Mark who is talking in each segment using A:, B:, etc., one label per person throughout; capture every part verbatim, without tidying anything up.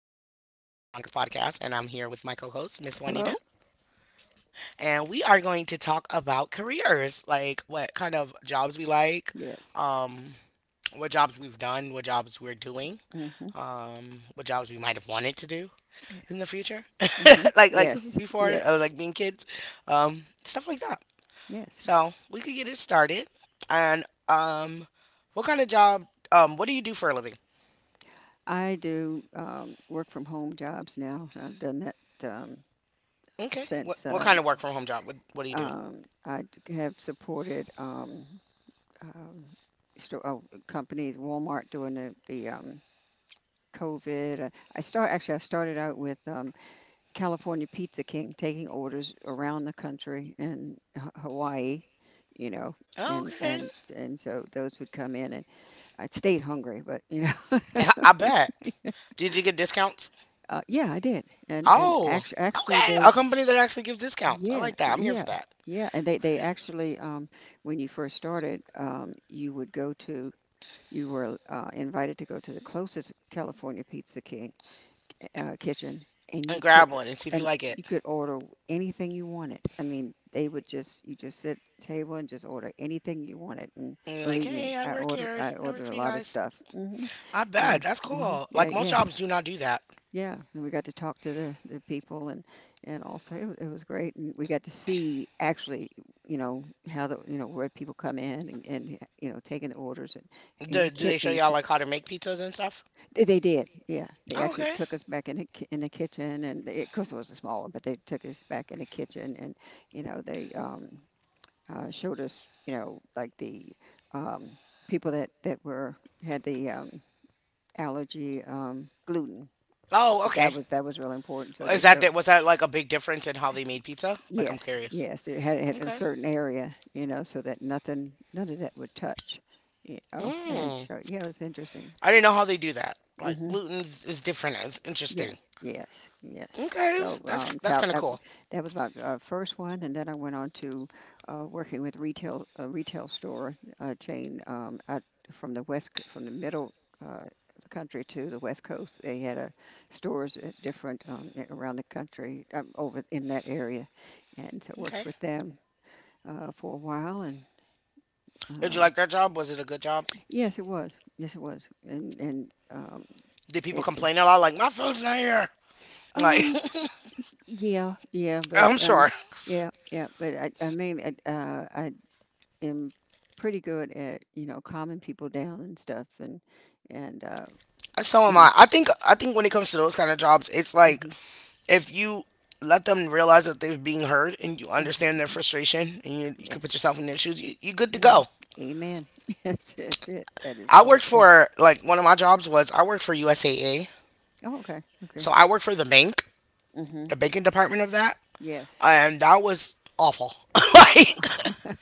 A: podcast, and I'm here with my co host, Miss Juanita.
B: Hello?
A: And we are going to talk about careers, like what kind of jobs we like,
B: Yes.
A: um, what jobs we've done, what jobs we're doing,
B: Mm-hmm.
A: um, what jobs we might have wanted to do in the
B: Yes.
A: future,
B: Mm-hmm.
A: like like
B: Yes.
A: before, uh,
B: Yes.
A: like being kids, um, stuff like that.
B: Yes.
A: So we could get it started. And um, What kind of job? Um, what do you do for a living?
B: I do um, work from home jobs now. I've done that um,
A: Okay. What
B: since
A: what kind
B: um,
A: of work from home job? What What do you do?
B: um, I d- have supported um, um, sto- oh, companies, Walmart during the, the um, COVID. Uh, I start actually I started out with um, California Pizza King taking orders around the country and Ha- Hawaii, you know, and
A: Okay.
B: and and so those would come in and I stayed hungry, but you know.
A: I, I bet. Did you get discounts?
B: Uh, yeah, I did, and and
A: Oh,
B: actually,
A: okay.
B: actually they,
A: A company that actually gives discounts. I
B: yeah,
A: like that. I'm here for
B: yeah,
A: that.
B: yeah, and they they actually, um, when you first started, um, you would go to, you were uh, invited to go to the closest California Pizza King uh, kitchen, and
A: And
B: you could
A: grab one and see if you
B: and
A: like it.
B: you could order anything you wanted. I mean, they would just you just sit at the table and just order anything you wanted. And
A: And you're like,
B: believe me,
A: hey, I
B: I
A: work
B: ordered
A: here.
B: I
A: I work
B: ordered
A: for
B: a
A: you
B: lot of
A: guys.
B: stuff. hmm
A: I bet.
B: And
A: That's
B: hmm
A: cool.
B: yeah,
A: Like most
B: yeah,
A: jobs do not do that.
B: yeah. And we got to talk to the, the people, and and also it, wa- it was great. And we got to see actually, you know, how the you know where people come in and, and you know taking the orders and in the
A: Do, do
B: kit
A: they show
B: in the
A: y'all
B: kitchen.
A: like how to make pizzas and stuff?
B: They they did, yeah. They
A: Oh,
B: actually
A: okay.
B: took us back in the ki- in the kitchen, and they, of course it was a small one, but they took us back in the kitchen, and you know they um, uh, showed us, you know, like the um, people that that were had the um, allergy, um, gluten.
A: Oh,
B: That
A: okay.
B: was that was really important. So
A: Is
B: they
A: that di-
B: showed,
A: was that like a big difference in how they made pizza? Like I'm
B: yes,
A: curious.
B: yes, it had, had a
A: Okay.
B: certain area, you know, so that nothing, none of that would touch, you know. And
A: Mm.
B: so yeah, it was interesting.
A: I didn't know how they do that. Like
B: Mm-hmm.
A: gluten's is is different. It's
B: Yeah.
A: interesting.
B: Yes. Yes.
A: Okay,
B: So
A: that's
B: um,
A: that's
B: Cal,
A: kind of
B: uh,
A: cool.
B: that was my uh, first one, and then I went on to uh, working with retail, a retail store uh, chain um, out from the west c- from the middle uh, of the country to the west coast. They had uh, stores at different um, a- around the country um, over in that area, and so worked
A: Okay.
B: with them uh, for a while. And
A: Did you
B: um,
A: like that job? Was it a good job?
B: yes, it was. Yes, it was. And and um,
A: Did people
B: it.
A: complain a lot? Like my food's not here. Like
B: Um, Yeah, yeah, but
A: I'm
B: I mean,
A: sure.
B: yeah, yeah, but I, I mean, I, uh, I am pretty good at, you know, calming people down and stuff, and and uh,
A: So
B: you
A: am
B: know,
A: I. I think I think when it comes to those kind of jobs, it's like
B: mhm,
A: if you let them realize that they're being heard and you
B: mhm,
A: understand their frustration and you, you can put
B: yes,
A: yourself in their shoes, you, you're good to
B: hmm
A: go.
B: amen. Yes, that's it. That is
A: I
B: all.
A: worked
B: Eh,
A: for, like, one of my jobs was I worked for U S A A.
B: Oh, okay, okay.
A: So I worked for the bank, the
B: hmm
A: banking department of that,
B: Yes.
A: and that was awful. Like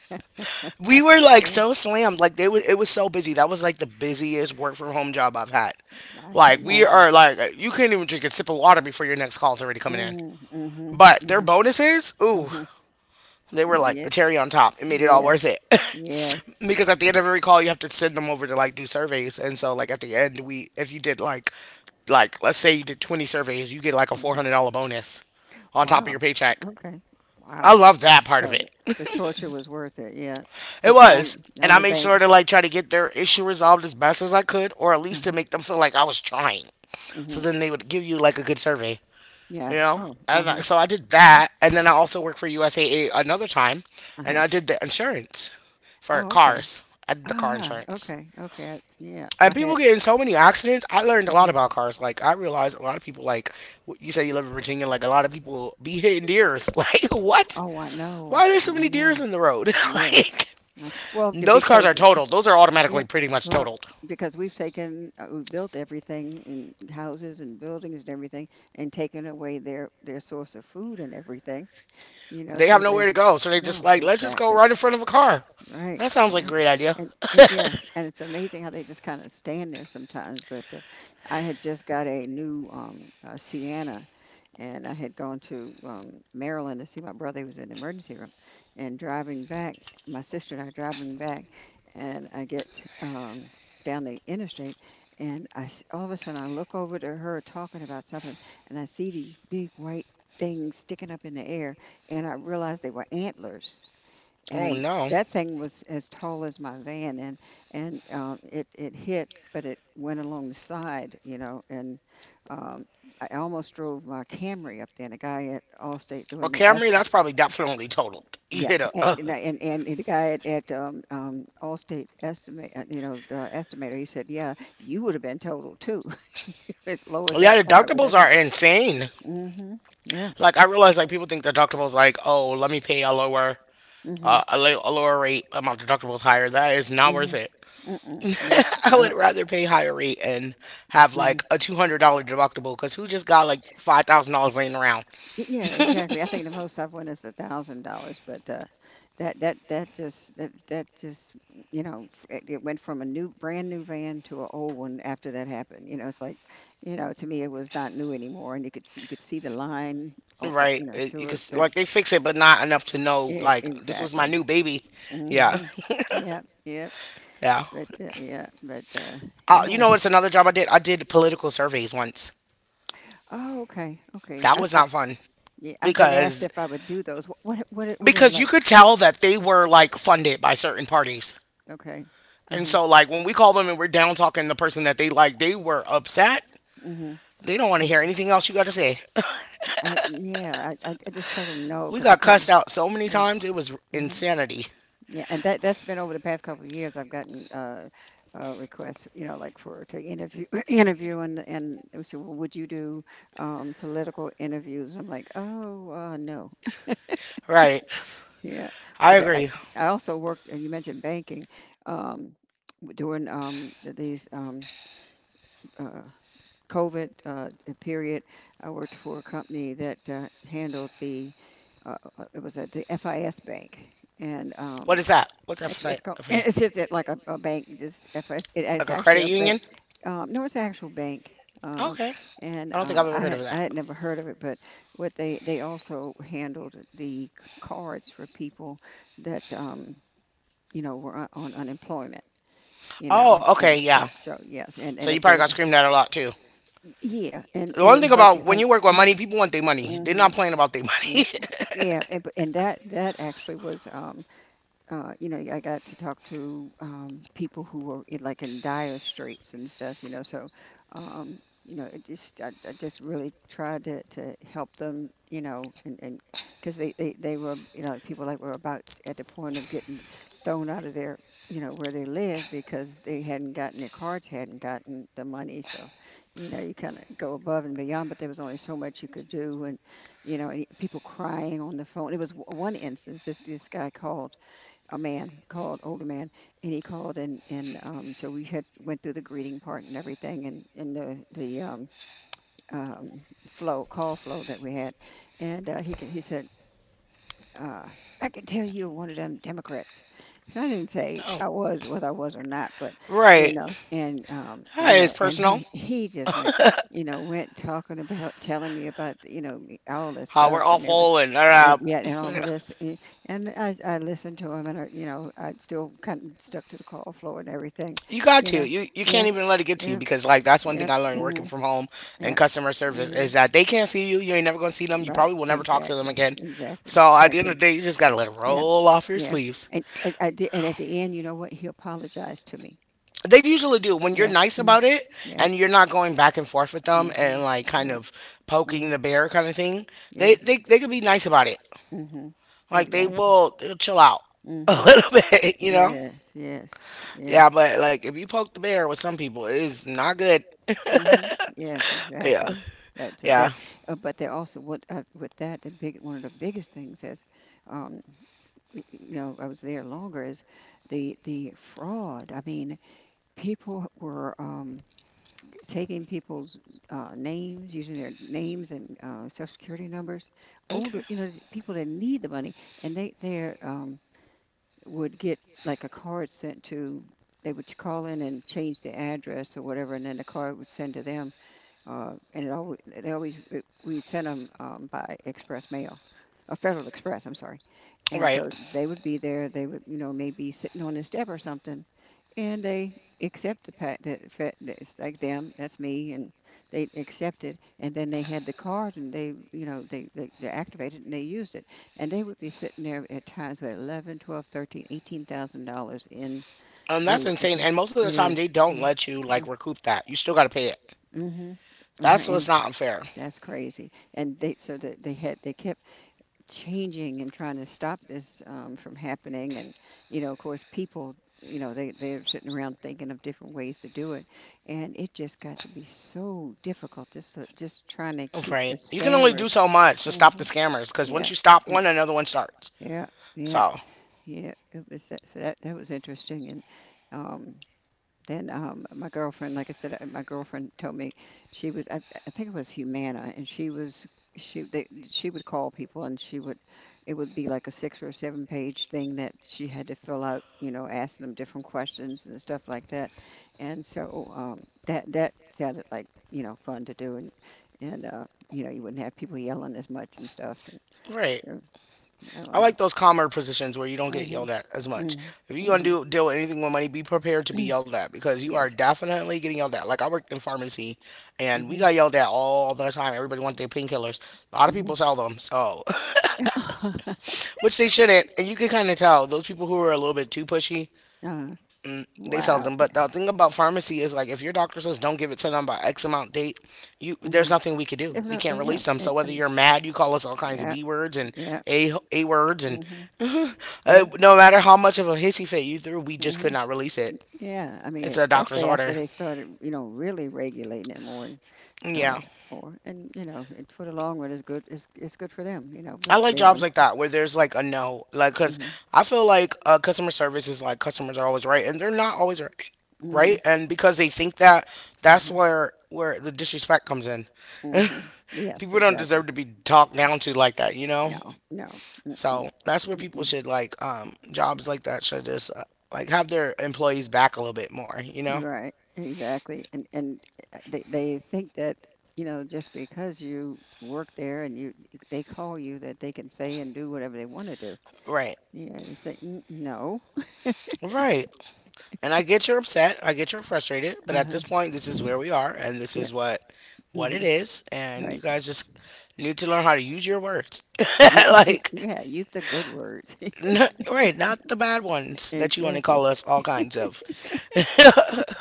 B: I,
A: we were like
B: yeah,
A: so slammed. Like they was it was so busy. That was like the busiest work from home job I've had.
B: I can
A: Like we
B: imagine.
A: are like you can't even drink a sip of water before your next call is already
B: Mm
A: coming in.
B: hmm mm hmm
A: But
B: mm
A: their
B: hmm
A: bonuses,
B: mm
A: ooh,
B: hmm
A: they were like the
B: Yes,
A: cherry on top. It made it all
B: yes,
A: worth it.
B: yes.
A: Because at the end of every call, you have to send them over to like do surveys. And so like at the end, we if you did, like like let's say you did twenty surveys, you get like a
B: Hmm.
A: four hundred dollars bonus on top of
B: Wow.
A: your paycheck.
B: Okay.
A: I
B: Wow.
A: love that part of
B: So the,
A: it.
B: the torture was worth it. Yeah.
A: It
B: The, the only
A: was.
B: the
A: And I
B: only
A: made sure
B: bank.
A: to like try to get their issue resolved as best as I could, or at least to
B: Uh-huh.
A: make them feel like I was trying. So
B: Hmm.
A: then they would give you like a good survey. you
B: Yeah.
A: know
B: Oh. Uh
A: and I,
B: huh.
A: so I did
B: Yeah.
A: that, and then I also worked for USAA another time,
B: Uh
A: and
B: huh.
A: I did the insurance for
B: Oh. Okay.
A: cars. I did the car
B: Ah.
A: insurance,
B: Okay. Okay. I, yeah. I
A: and people
B: had.
A: get in so many accidents. I learned a lot
B: Hmm.
A: about cars. Like I realized a lot of people like w- you say you live in Virginia, like a lot of people be hitting deers. Like what,
B: Oh, I
A: why
B: know.
A: are there so
B: Oh, I
A: many deers
B: know.
A: in the road?
B: Yes.
A: Like
B: I- Well, d-
A: those cars
B: because
A: are totaled. Those are
B: yeah.
A: automatically pretty much
B: Well,
A: totaled.
B: because we've taken uh, we've built everything in houses and buildings and everything, and taken away their their source of food and everything, you know,
A: They
B: so
A: have
B: they,
A: nowhere to go, so they just
B: no,
A: like let's just go
B: exactly.
A: right in front of a car.
B: Right.
A: That sounds like a
B: Right.
A: great idea.
B: And it, yeah, and it's amazing how they just kind of stand there sometimes. But uh, I had just got a new um, uh, Sienna, and I had gone to um, Maryland to see my brother. He was in the emergency room, and driving back, my sister and I are driving back, and I get um, down the interstate, and I s- all of a sudden I look over to her talking about something, and I see these big white things sticking up in the air and I realized they were antlers.
A: Oh,
B: And
A: no.
B: that thing was as tall as my van, and and um, it it hit, but it went along the side, you know. And um, I almost drove my Camry up there. And a guy at Allstate
A: Well,
B: doing the
A: Camry,
B: estimate.
A: that's probably definitely totaled. You
B: Yeah,
A: hit a.
B: and
A: Uh,
B: and I- and the guy at, at um, um, Allstate estimate, uh, you know, the estimator, he said, "Yeah, you would have been totaled too, as low as that
A: yeah,
B: car with that
A: deductibles
B: thing."
A: are insane.
B: Mm-hmm. Yeah.
A: Like I realize, like people think deductibles, like oh, let me pay a lower,
B: Mm-hmm.
A: uh, a, li- a lower rate. Um, my deductible's higher. That is not worth it.
B: Higher. That is not, mm-hmm, worth it.
A: I
B: Mm-mm. No. No.
A: would rather pay higher rate and have
B: Mm-hmm.
A: like a two hundred dollar deductible, because who just got like five thousand dollars laying around,
B: Yeah, exactly. I think the most I've won is a thousand dollars, but uh, that that that just that that just you know f- it, it went from a new brand new van to an old one after that happened. You know, it's like you know to me it was not new anymore, and you could see, you could see the line all, uh,
A: right?
B: you know right,
A: It- you
B: through
A: can
B: it,
A: s-
B: but
A: like they fix it, but not
B: know,
A: enough to
B: it,
A: know,
B: like, you
A: like,
B: know,
A: this was
B: exactly.
A: my new baby.
B: A new baby.
A: Yeah,
B: Hmm. Yeah. Yeah, yeah.
A: yeah.
B: But, uh, yeah, but, uh,
A: Uh, you
B: yeah.
A: know what's another job I did? I did political surveys once.
B: Oh, okay, okay.
A: That
B: I,
A: was
B: I,
A: not fun.
B: yeah, I've been asked
A: because
B: if I would do those. Wh- What, what, are- what are they
A: because you
B: like?
A: could tell that they were like funded by certain parties.
B: Okay.
A: And
B: Uh-huh.
A: so like when we call them and we're down talking the person that they like, they were upset.
B: Hmm.
A: They don't want to hear anything else you got to say.
B: I, yeah, I, I I just told them no
A: We
B: because I
A: got
B: couldn't.
A: cussed out so many
B: Yeah.
A: times. It was
B: Mhm.
A: insanity.
B: Yeah, and that that's been over the past couple of years. I've gotten uh, uh, requests, you know, like for to interview interview and and they would say, well, would you do um, political interviews? I'm like, oh uh, no.
A: Right.
B: Yeah,
A: I
B: but I,
A: agree.
B: I also worked, and you mentioned banking, um, w- during um, th- these um, uh, COVID uh, uh, period. I worked for a company that uh, handled the uh, uh, it was at the F I S bank, and um,
A: What is that? What's that for
B: it's it's
A: site?
B: called
A: Okay.
B: it's just it like a, a bank, just F I S. It,
A: Like
B: it's
A: a
B: actually
A: credit
B: a
A: union?
B: bank. Um, no, it's an actual bank. Um,
A: Okay.
B: and
A: I don't think
B: um,
A: I've ever
B: I
A: heard of
B: had I
A: that.
B: had never heard of it, but what they they also handled the c- cards for people that um, you know, were on on unemployment, you know. Oh,
A: Oh,
B: and
A: okay.
B: okay.
A: Yeah.
B: Stuff. Yeah. So yes, and
A: So
B: and
A: you
B: it,
A: probably
B: they,
A: got
B: like,
A: screamed at a lot too.
B: yeah, and
A: The
B: and
A: one
B: it
A: thing
B: was like
A: about when
B: like
A: you work with money, people want their
B: mm-hmm,
A: money. They're not
B: mm-hmm,
A: playing about their money.
B: yeah, yeah, and but- and that that actually was um uh, you know, I got to talk to um, people who were in, like in dire straits and stuff, you know. So, um, you know, it just I, I just really tried to, to help them, you know, and and because they, they they were, you know, people like were about at the point of getting thrown out of their, you know, where they live because they hadn't gotten their cards, hadn't gotten the money. So, you know, you kind of go above and beyond, but there was only so much you could do, and you know, and people crying on the phone. It was w- one instance. This this guy called, a man called, older man, and he called and and um, so we had went through the greeting part and everything and and the the um, um, flow call flow that we had, and uh, he c- he said. Uh, I can tell you're one of them Democrats. And I didn't say I was, whether I was or not, but you
A: Right.
B: know, and um,
A: That
B: you
A: is
B: know, and
A: personal.
B: he he just went, you know, went talking about telling me about you know all this
A: How
B: stuff
A: we're
B: and
A: awful and
B: and
A: uh,
B: yet and all of this eh, and I, I listened to him and I, you know I still kind of stuck to the call flow and everything,
A: you got
B: you
A: to,
B: know,
A: you you can't
B: yeah,
A: even let it get to you,
B: yeah,
A: because like that's one
B: yeah,
A: thing I learned working
B: mhm,
A: from home and
B: yeah,
A: customer service
B: mhm.
A: is that they can't see you. You ain't never gonna see them. You
B: Right,
A: probably will never talk to them
B: exactly,
A: again.
B: exactly,
A: So at the end
B: exactly,
A: of the day, you just gotta let it
B: yeah,
A: roll off your
B: yeah,
A: sleeves.
B: and I, I did and at the end you know what he apologized to me.
A: They usually do when you're
B: Yeah,
A: nice
B: mm,
A: about it
B: yeah,
A: and you're not going back and forth with them
B: mhm,
A: and like kind
B: yeah,
A: of poking
B: mhm,
A: the bear kind of thing. They
B: yes,
A: they they could be nice about it.
B: mhm,
A: Like they
B: exactly.
A: will, they'll chill out a
B: Mhm.
A: little bit, you know.
B: Yes, yes, yes.
A: Yeah, but like if you poke the bear with some people, it's not good.
B: Hmm. Yes,
A: Yeah.
B: exactly. That so that,
A: Yeah.
B: uh, but they also what uh, with that the big one of the biggest things is, um, y- you know, I was there longer is the the fraud. I mean, people were um, taking people's uh, names, using their names and uh, social security numbers, older,
A: Okay.
B: you know, people that need the money, and they they're um, would get like a card sent to, they would call in and change the address or whatever, and then the card would send to them. Uh, and it always, it always it, we sent them um, by express mail, a Federal Express. I'm sorry, and
A: Right.
B: so they would be there. They would, you know, maybe sitting on the step or something, and they accept the pack. That fe- that it's like them, that's me, and they accept it. And then they had the card, and they, you know, they, they they activated and they used it. And they would be sitting there at times with eleven, twelve, thirteen, eighteen thousand dollars in
A: Um, that's
B: the.
A: insane.
B: Account.
A: And most of the
B: It
A: time
B: is.
A: they don't
B: Mm,
A: let you like
B: mm.
A: recoup that. You still got to pay it.
B: Mhm. Uh-huh.
A: That's
B: And
A: what's not unfair.
B: that's crazy. And they so that they had they kept changing and trying to stop this um, from happening. And you know, of course, people you know they they're sitting around thinking of different ways to do it, and it just got to be so difficult. Just so- just trying to keep the
A: Right. You can only do
B: scammers.
A: so much to stop the
B: Mhm.
A: scammers, cuz once
B: Yeah.
A: you stop
B: Yeah.
A: one, another one starts.
B: Yeah, yeah,
A: So,
B: yeah. It was that. So that that was interesting, and um, then um, my girlfriend, like I said, uh, my girlfriend told me she was, I, I think it was Humana, and she was she they, she would call people, and she would, it would be like a six or a seven page thing that she had to fill out, you know, asking them different questions and stuff like that, and so um, that that sounded like you know fun to do, and and uh, you know you wouldn't have people yelling as much and stuff, and
A: right.
B: so
A: I
B: um,
A: like those calmer positions where you don't get yelled at as much.
B: hmm.
A: If you're gonna
B: Hmm.
A: do deal with anything with money, be prepared to be yelled at, because you are
B: Yes.
A: definitely getting yelled at. Like I worked in pharmacy, and we got
B: Hmm.
A: yelled at all the time. Everybody wants their painkillers. A lot of people
B: Hmm.
A: sell them, so
B: uh,
A: which they shouldn't. And you can kind of tell those people who are a little bit too pushy they sell
B: wow.
A: them. But the thing about pharmacy is like if your doctor says don't give it to them by X amount date, you
B: Yeah.
A: there's
B: Hmm.
A: nothing we could do.
B: There's
A: We
B: no. Uh,
A: can't
B: yeah.
A: release them.
B: It,
A: So whether
B: um,
A: you're mad, you call us all kinds of
B: yeah.
A: B words and
B: Yeah.
A: A A words, and
B: hmm
A: uh,
B: Yeah.
A: no matter how much of a hissy fit you threw, we just
B: Hmm.
A: could not release it.
B: Yeah, I mean,
A: It's a doctor's
B: especially after
A: order.
B: they started, you know, really regulating it more and uh,
A: Yeah.
B: more, and you know, it, for the long run is good. It's it's good for them, you know,
A: I
B: but
A: like
B: they
A: jobs
B: don't.
A: like that where there's like a no, like because
B: Mm-hmm.
A: I feel like uh, customer service is like customers are always right, and they're not always right,
B: Mm-hmm.
A: right? And because they think that, that's
B: Mm-hmm.
A: where where the disrespect comes in.
B: Mhm. Yes,
A: People don't
B: exactly.
A: deserve to be talked down to like that, you know?
B: No, no. Mm-mm,
A: So that's where people
B: mm-mm.
A: should, like, um jobs like that should just uh, like have their employees back a little bit more, you know?
B: You're right, exactly. And and uh, they they think that, you know, just because you work there and you you- they call you that they can say and do whatever they want to do.
A: Right.
B: Yeah, they say, "N- no.
A: Right. And I get you're upset, I get you're frustrated, but at
B: Uh-huh.
A: this point this is where we are and this
B: Yeah.
A: is what what it
B: Hmm.
A: is, and you
B: Right.
A: guys just need to learn how to use your words.
B: Yeah,
A: Like
B: yeah, use the good words.
A: n right, not the bad ones that you want to
B: Exactly.
A: call us all kinds of.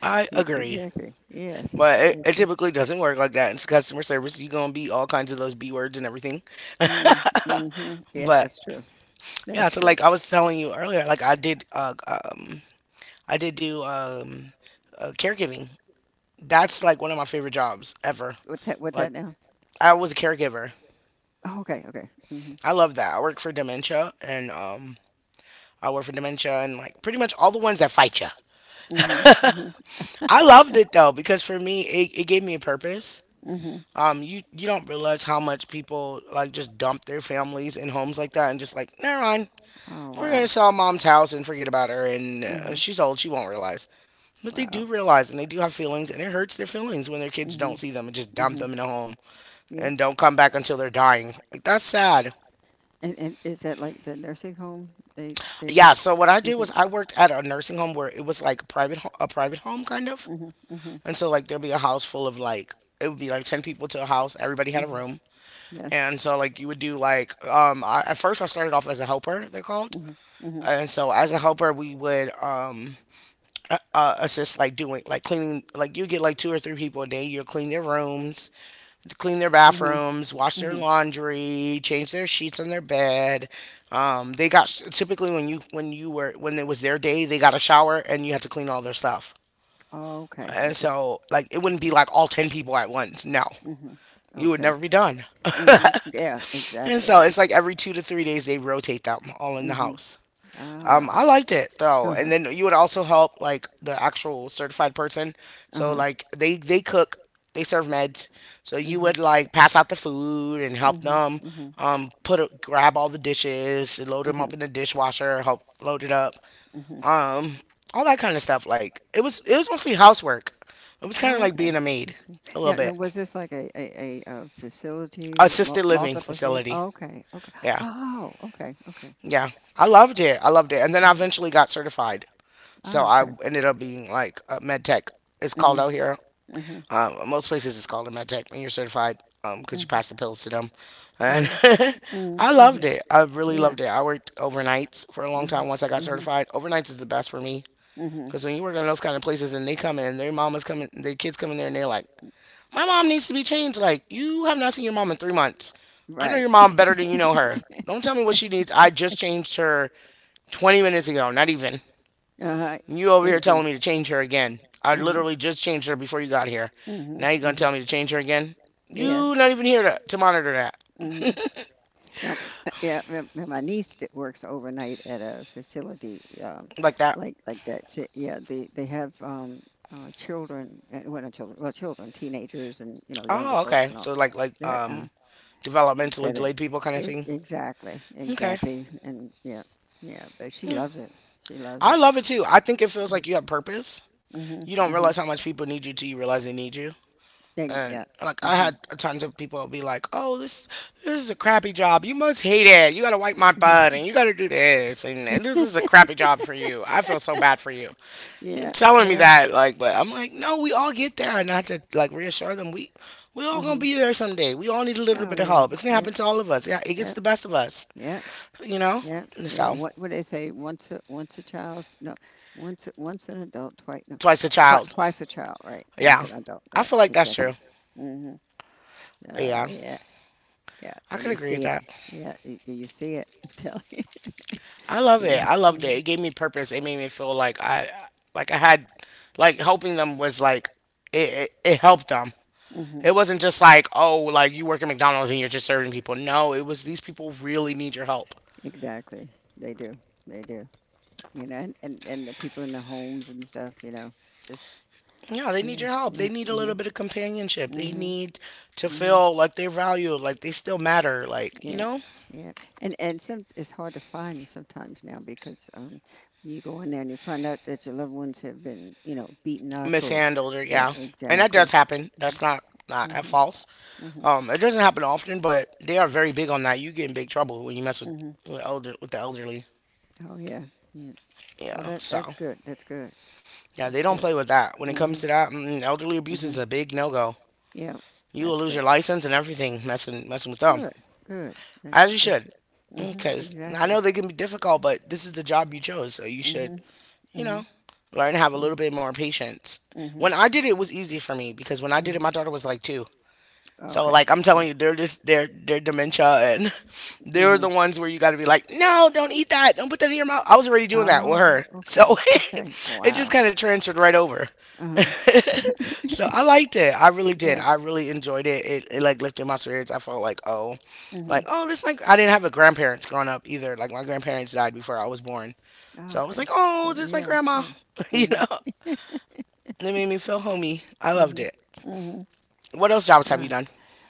A: I
B: Yeah,
A: agree.
B: exactly. Yes.
A: But it, it
B: Exactly.
A: typically doesn't work like that. It's customer service. You're going to be all kinds of those B words and everything.
B: Mm, mhm. Yeah,
A: But
B: that's true.
A: yeah,
B: That's
A: so
B: true.
A: like I was telling you earlier, like I did, uh, um, I did do um, uh, caregiving. That's like one of my favorite jobs ever.
B: What's that? What's that
A: Like
B: now?
A: I was a caregiver.
B: Oh, okay, okay. Mhm.
A: I love that. I work for dementia and um, I work for dementia and like pretty much all the ones that fight you.
B: Mm mhm. Mm
A: I
B: mhm.
A: loved it though because for me, it, it gave me a purpose.
B: Mm mhm.
A: um you you don't realize how much people like just dump their families in homes like that and just like never mind
B: Oh
A: we're
B: wow.
A: gonna sell mom's house and forget about her. And
B: Mm
A: uh,
B: mhm.
A: she's old, she won't realize. But they
B: Wow.
A: do realize, and they do have feelings, and it hurts their feelings when their
B: Mm
A: kids
B: mhm.
A: don't see them and just
B: Mm mhm.
A: dump them in a home
B: Yeah.
A: and don't come back until they're dying. Like, that's sad.
B: And and is that like the nursing home? They they would
A: Yeah, so what I
B: do
A: did
B: that.
A: was I worked at a nursing home where it was like a private ho- a private home kind of.
B: Mm mhm.
A: And so like there'd be a house full of like, it would be like ten people to a house, everybody had a room.
B: Yes.
A: And so like you would do like um I, at first I started off as a helper, they're called.
B: Mhm. It. Mhm.
A: And so as a helper, we would um uh, uh, assist like doing like cleaning. Like, you get like two or three people a day, you'll clean their rooms, clean their bathrooms, wash their laundry, change their sheets on their bed. um, they got, typically, when you when you were when it was their day, they got a shower and you had to clean all their stuff.
B: Oh, okay.
A: And
B: Okay. It's
A: so like it
B: like it.
A: wouldn't
B: Okay.
A: be
B: Be
A: like all ten people at once, no,
B: enough. Mhm.
A: you would
B: Okay.
A: never be done.
B: Mhm. Yeah.
A: And
B: Exactly.
A: so it's like every two to three days they rotate them all in
B: And
A: the
B: so. Mhm.
A: house.
B: Ah.
A: Um, I liked it
B: I'm a.
A: though,
B: Uh huh.
A: and then
B: Cleaner.
A: you would also help like the actual certified person.
B: Uh
A: So
B: huh.
A: like they they cook, they serve meds. So
B: So.
A: you
B: Mhm. You
A: would like pass out the food and
B: help.
A: help
B: Mhm. Mhm.
A: them
B: Mom. Mhm.
A: um put a, grab all
B: Grab.
A: the dishes, load them up in the dishwasher, help load it up, um all that kind of stuff. Like, it was it was mostly housework. It was kind
B: Mhm.
A: of like
B: Okay.
A: being a maid a
B: Now,
A: little
B: now,
A: bit.
B: was this like a a, a, uh facility with mul
A: Assisted living
B: multiple people?
A: facility.
B: Oh, okay, okay.
A: Yeah.
B: Oh, okay, okay.
A: Yeah. I loved it. I loved it. And then I
B: Hmm.
A: eventually got certified. So
B: Oh,
A: I
B: okay.
A: ended up being like a med tech is called
B: Hmm.
A: out here.
B: Hmm.
A: Um, most places it's called a med tech when you're certified, because you pass
B: Hmm.
A: the pills to them. And
B: Okay.
A: I loved
B: Mm-hmm.
A: it. I really loved
B: Yeah.
A: it. I worked overnights for a long time
B: Hmm.
A: once I got
B: Hmm.
A: certified. Overnights is the best for me, because
B: Hmm.
A: when you work in those kind of places and they come in, their mama's coming, their kids come in there and they're like, my mom needs to be changed. Like, you have not seen your mom in three months. I know your
B: Right.
A: mom better than you know her. Don't tell me what she needs. I just changed her twenty minutes ago, not even.
B: Uh-huh.
A: You over here telling me to
B: Exactly.
A: change her again. I literally
B: Mm-hmm.
A: just changed her before you got here. Now you're
B: Mm-hmm.
A: gonna tell me to
B: Mm-hmm.
A: change her again? You not
B: Yes.
A: even here to, to monitor
B: Mm-hmm.
A: that.
B: Now, uh, yeah, my my- my niece that works overnight at a facility um,
A: like that.
B: like like that. She, yeah, they they have um, uh, children, uh, well, not children, well, children, teenagers, and you know,
A: Oh,
B: younger
A: okay.
B: folks and
A: So
B: all
A: like like
B: that.
A: um
B: Uh,
A: developmentally
B: that are,
A: delayed people kind of
B: e-
A: thing.
B: exactly,
A: Okay.
B: exactly, and yeah, yeah. But she
A: Yeah.
B: loves it. She
A: I
B: loves it.
A: love it too. I think it feels like you have purpose.
B: Mm-hmm.
A: You
B: Mm-hmm.
A: don't realize how
B: Mm-hmm.
A: much people need you till you realize they need you.
B: Yeah,
A: And
B: yeah.
A: like I had
B: Hmm.
A: tons of people be like, "Oh, this this is a crappy job. You must hate it. You gotta wipe my butt, and you gotta do this, and, and this is a crappy job for you. I feel so bad for you." You're
B: Yeah,
A: telling me
B: yeah.
A: that, like, but I'm like, no, we all get there, and not to like reassure them, we we all gonna
B: Hmm.
A: be there someday. We all need a little
B: Oh
A: bit of
B: yeah,
A: help. It's gonna
B: yeah,
A: happen to all of us. Yeah, it gets
B: yeah,
A: the best of us,
B: yeah,
A: you know.
B: yeah, yeah.
A: So
B: What would they say? Once a once a child, no, once a- once an adult, twice no,
A: twice a
B: Twi
A: child.
B: twice a child, right? Once
A: Yeah,
B: an adult,
A: I
B: right?
A: feel like that's
B: Exactly.
A: true.
B: Hmm. Oh
A: Yeah,
B: yeah, yeah.
A: I
B: And
A: could
B: you
A: agree with
B: see it,
A: that.
B: yeah, you, you see it. I'm telling you.
A: I love
B: Yeah.
A: it. I loved
B: Hmm.
A: it. It gave me purpose. It made me feel like I, like I had, like helping them was like it it, it helped them.
B: Hmm.
A: It wasn't just like, oh, like you work at McDonald's and you're just serving people. No, it was these people really need your help.
B: Exactly. They do. They do. You know, and, and, and the people in the homes and stuff, you know, just,
A: Yeah, they need
B: yeah,
A: your help. They
B: yeah.
A: need a
B: Hmm.
A: little bit of companionship. They
B: Hmm.
A: need to
B: Hmm.
A: feel like they're valued, like they still matter, like, you
B: Yeah,
A: know?
B: yeah, and and some it's hard to find sometimes now because um you go in there and you find out that your loved ones have been you know beaten up or
A: Mishandled, or
B: yeah,
A: yeah. And that
B: exactly.
A: does happen. That's not not at
B: Mm-hmm,
A: false.
B: mm-hmm.
A: Um, it doesn't happen often, but they are very big on that. You get in big trouble when you mess with
B: Hmm.
A: with elder with the elderly.
B: Oh yeah, yeah. Well,
A: Yeah.
B: that that's
A: So
B: good. That's good.
A: yeah, they
B: That's
A: don't
B: good.
A: play with that. When it comes
B: Mm-hmm,
A: to that, mm, elderly abuse
B: mm-hmm.
A: is a big no go.
B: Yeah,
A: You will
B: that's
A: lose
B: good.
A: your license and everything messing messing with them,
B: Good, good. That's
A: as you
B: that's
A: should.
B: it. Mhm.
A: Because I
B: Exactly.
A: know they can be difficult, but this is the job you chose, so you should,
B: Mhm.
A: you
B: Mhm.
A: know, learn to have a
B: Yeah.
A: little bit more patience. When
B: Mhm.
A: I did it, it was easy for me because when I did it,
B: Mhm.
A: my daughter was like two. So
B: Okay.
A: like I'm
B: Good.
A: telling you, they're just they're they're dementia, and they're the
B: Mhm.
A: ones where you gotta be like, no, don't eat that, don't put that in your mouth. I was already doing that with
B: Oh,
A: her. So
B: okay. Okay.
A: it just
B: Wow.
A: kinda transferred right over.
B: Uh-huh.
A: So I liked it. I really did.
B: Yeah.
A: I really enjoyed it. It, it like lifted my spirits. I felt like, oh, like,
B: Mhm.
A: oh, this my, I didn't have a grandparents growing up either. Like my grandparents died before I was born.
B: Oh,
A: So I was
B: okay.
A: like, oh, this is my
B: Yeah.
A: grandma.
B: Yeah.
A: You
B: Mhm.
A: know? It made me feel homey. I loved
B: Mhm.
A: it.
B: Mhm.
A: What else jobs have you
B: Wow.
A: done?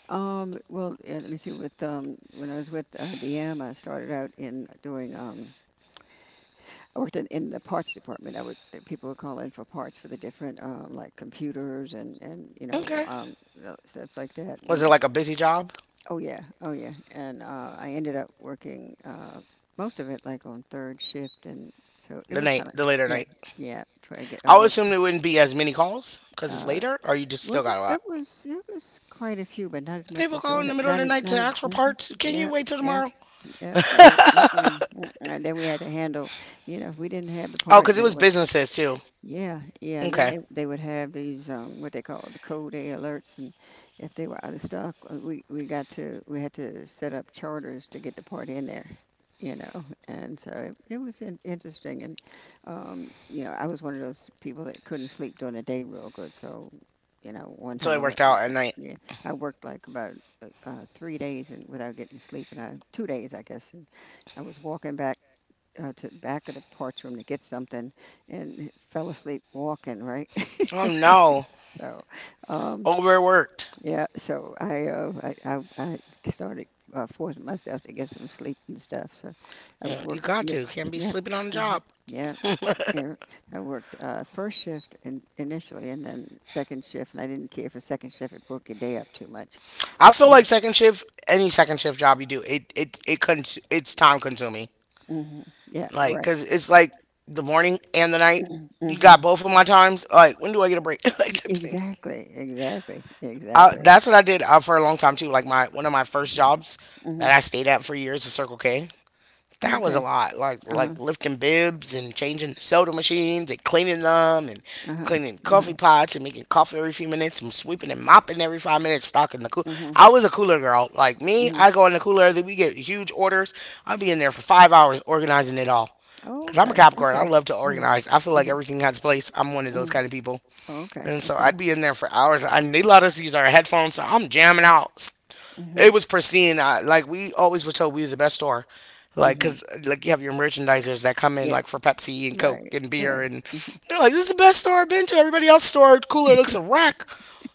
B: Um, well, yeah, let me see. With um, when I was with I B M, I started out in doing um, I worked in, in the parts department. I would People would call in for parts for the different um, like computers, and and you know
A: Okay.
B: um, uh, stuff like that.
A: Was it
B: And
A: like a busy job?
B: oh yeah, oh yeah. And uh, I ended up working uh, most of it like on third shift, and so it
A: The
B: was
A: night,
B: kind of
A: the later
B: yeah,
A: night.
B: yeah. Try to get. I
A: I would
B: worked.
A: assume there wouldn't be as many calls because it's
B: Uh,
A: later, or you just
B: well,
A: still got a
B: it
A: lot.
B: was it was quite a few, but not as much
A: People
B: as
A: call in
B: during
A: the
B: it.
A: middle of
B: Not
A: the
B: as.
A: night to
B: Not as.
A: ask for
B: Mm-hmm.
A: parts? Can you
B: Yeah,
A: wait till
B: yeah,
A: tomorrow?
B: yeah. No, mm-mm, mm-mm. And then we had to handle, you know, if we didn't have the
A: Oh,
B: part,
A: because it
B: then it
A: was
B: was.
A: businesses too.
B: Yeah, yeah, and then
A: Okay.
B: they they would have these um what they call the code A alerts, and if they were out of stock, uh, we we got to we had to set up charters to get the part in there, you know, and so it, it was in, interesting, and um you know I was one of those people that couldn't sleep during the day real good, so you know one
A: So
B: time
A: it
B: I
A: worked
B: went mm,
A: out at
B: mm,
A: night.
B: yeah, I worked like about uh, uh, three days and without getting sleep, and I two days I guess, and I was walking back uh, to the back of the parts room to get something and fell asleep walking, right?
A: Oh no.
B: So, um,
A: Overworked.
B: yeah, so I, uh, I, I, I started uh, forcing myself to get some sleep and stuff. So I
A: Yeah, you
B: worked,
A: got
B: mi-
A: to. Can't be
B: yeah,
A: sleeping on the job.
B: yeah, yeah. I worked uh, first shift in, initially and then second shift, and I didn't care for second shift. It broke your day up too much.
A: I feel
B: Yeah.
A: like second shift, any second shift job you do, it it it cons- it's time consuming.
B: Hmm. Yeah,
A: Like,
B: right.
A: cause it's like the morning and the night. You
B: Mm-hmm.
A: got both of my times. Like, when do I get a break? Like, type of thing.
B: Exactly, exactly,
A: I,
B: exactly.
A: that's what I did uh, for a long time too. Like my one of my first jobs
B: Hmm.
A: that I stayed at for years was Circle K.
B: Oh,
A: That was a
B: okay.
A: lot, like
B: Uh-huh.
A: like lifting bibs and changing the soda machines and cleaning them and
B: Uh-huh.
A: cleaning
B: Uh-huh.
A: coffee pots and making coffee every few minutes and sweeping and mopping every five minutes, stocking the cool.
B: Uh-huh.
A: I was a cooler girl. Like me,
B: Uh-huh.
A: I go in the cooler. We get huge orders. I'll be in there for five hours organizing it all.
B: Oh,
A: Cause I'm a
B: okay.
A: Capricorn. I
B: Okay.
A: love to organize. I feel
B: Mm-hmm.
A: like
B: Mm-hmm.
A: everything has a place. I'm one of those
B: Mm-hmm.
A: kind of people.
B: Oh, okay.
A: And so
B: Okay.
A: I'd be in there for hours. And they let us use our headphones. So I'm jamming out.
B: Mm-hmm.
A: It was pristine. I, like we always were told, we was the best store. Like,
B: Mm-hmm.
A: cause like you have your merchandisers that come in like
B: Yes.
A: for Pepsi and Coke
B: Right.
A: and
B: Right.
A: beer, and
B: Mm-hmm.
A: they're like, "This is the best store I've been to." Everybody else store cooler looks a wreck.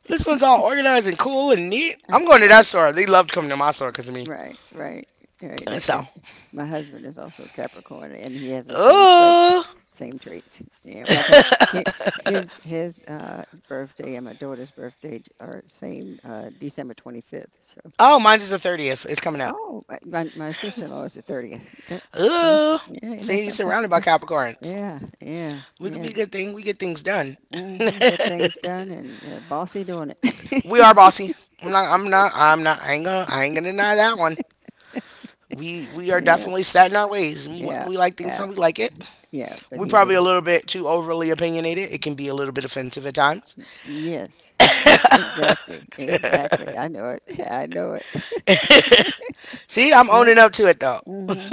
A: This one's all organized and cool and neat. I'm going to that
B: Right.
A: store. They loved coming to my store because of me.
B: Right, right, right.
A: And
B: That,
A: so,
B: and my husband is also Capricorn, and he has those same traits.
A: oh,
B: Same traits. Yeah. Matter of fact, hi- his his uh, birthday and my daughter's birthday j- are same, uh, December twenty-fifth.
A: oh, mine is the thirtieth. It's coming up.
B: Oh, my my my sister-in-law is the thirtieth. Yeah. Yeah,
A: Oh,
B: yeah, isn't
A: see,
B: that
A: you're
B: something?
A: surrounded by Capricorns.
B: Yeah, yeah,
A: We could be
B: yeah.
A: a good thing. We get things done.
B: Hmm. Get things done and yeah, bossy doing it.
A: We are bossy. I'm not. I'm not. I'm not. I ain't gonna. I ain't gonna deny that one. We we are
B: Yeah,
A: definitely set in our ways. We wa-
B: yeah,
A: we like things
B: yeah,
A: how we like it.
B: yeah. But
A: We
B: he's a
A: probably a little bit too overly opinionated. It can be a little bit offensive at times.
B: yes, yes, exactly, exactly. I know it. I know it.
A: See, I'm
B: Yeah.
A: owning up to it though.
B: Hmm.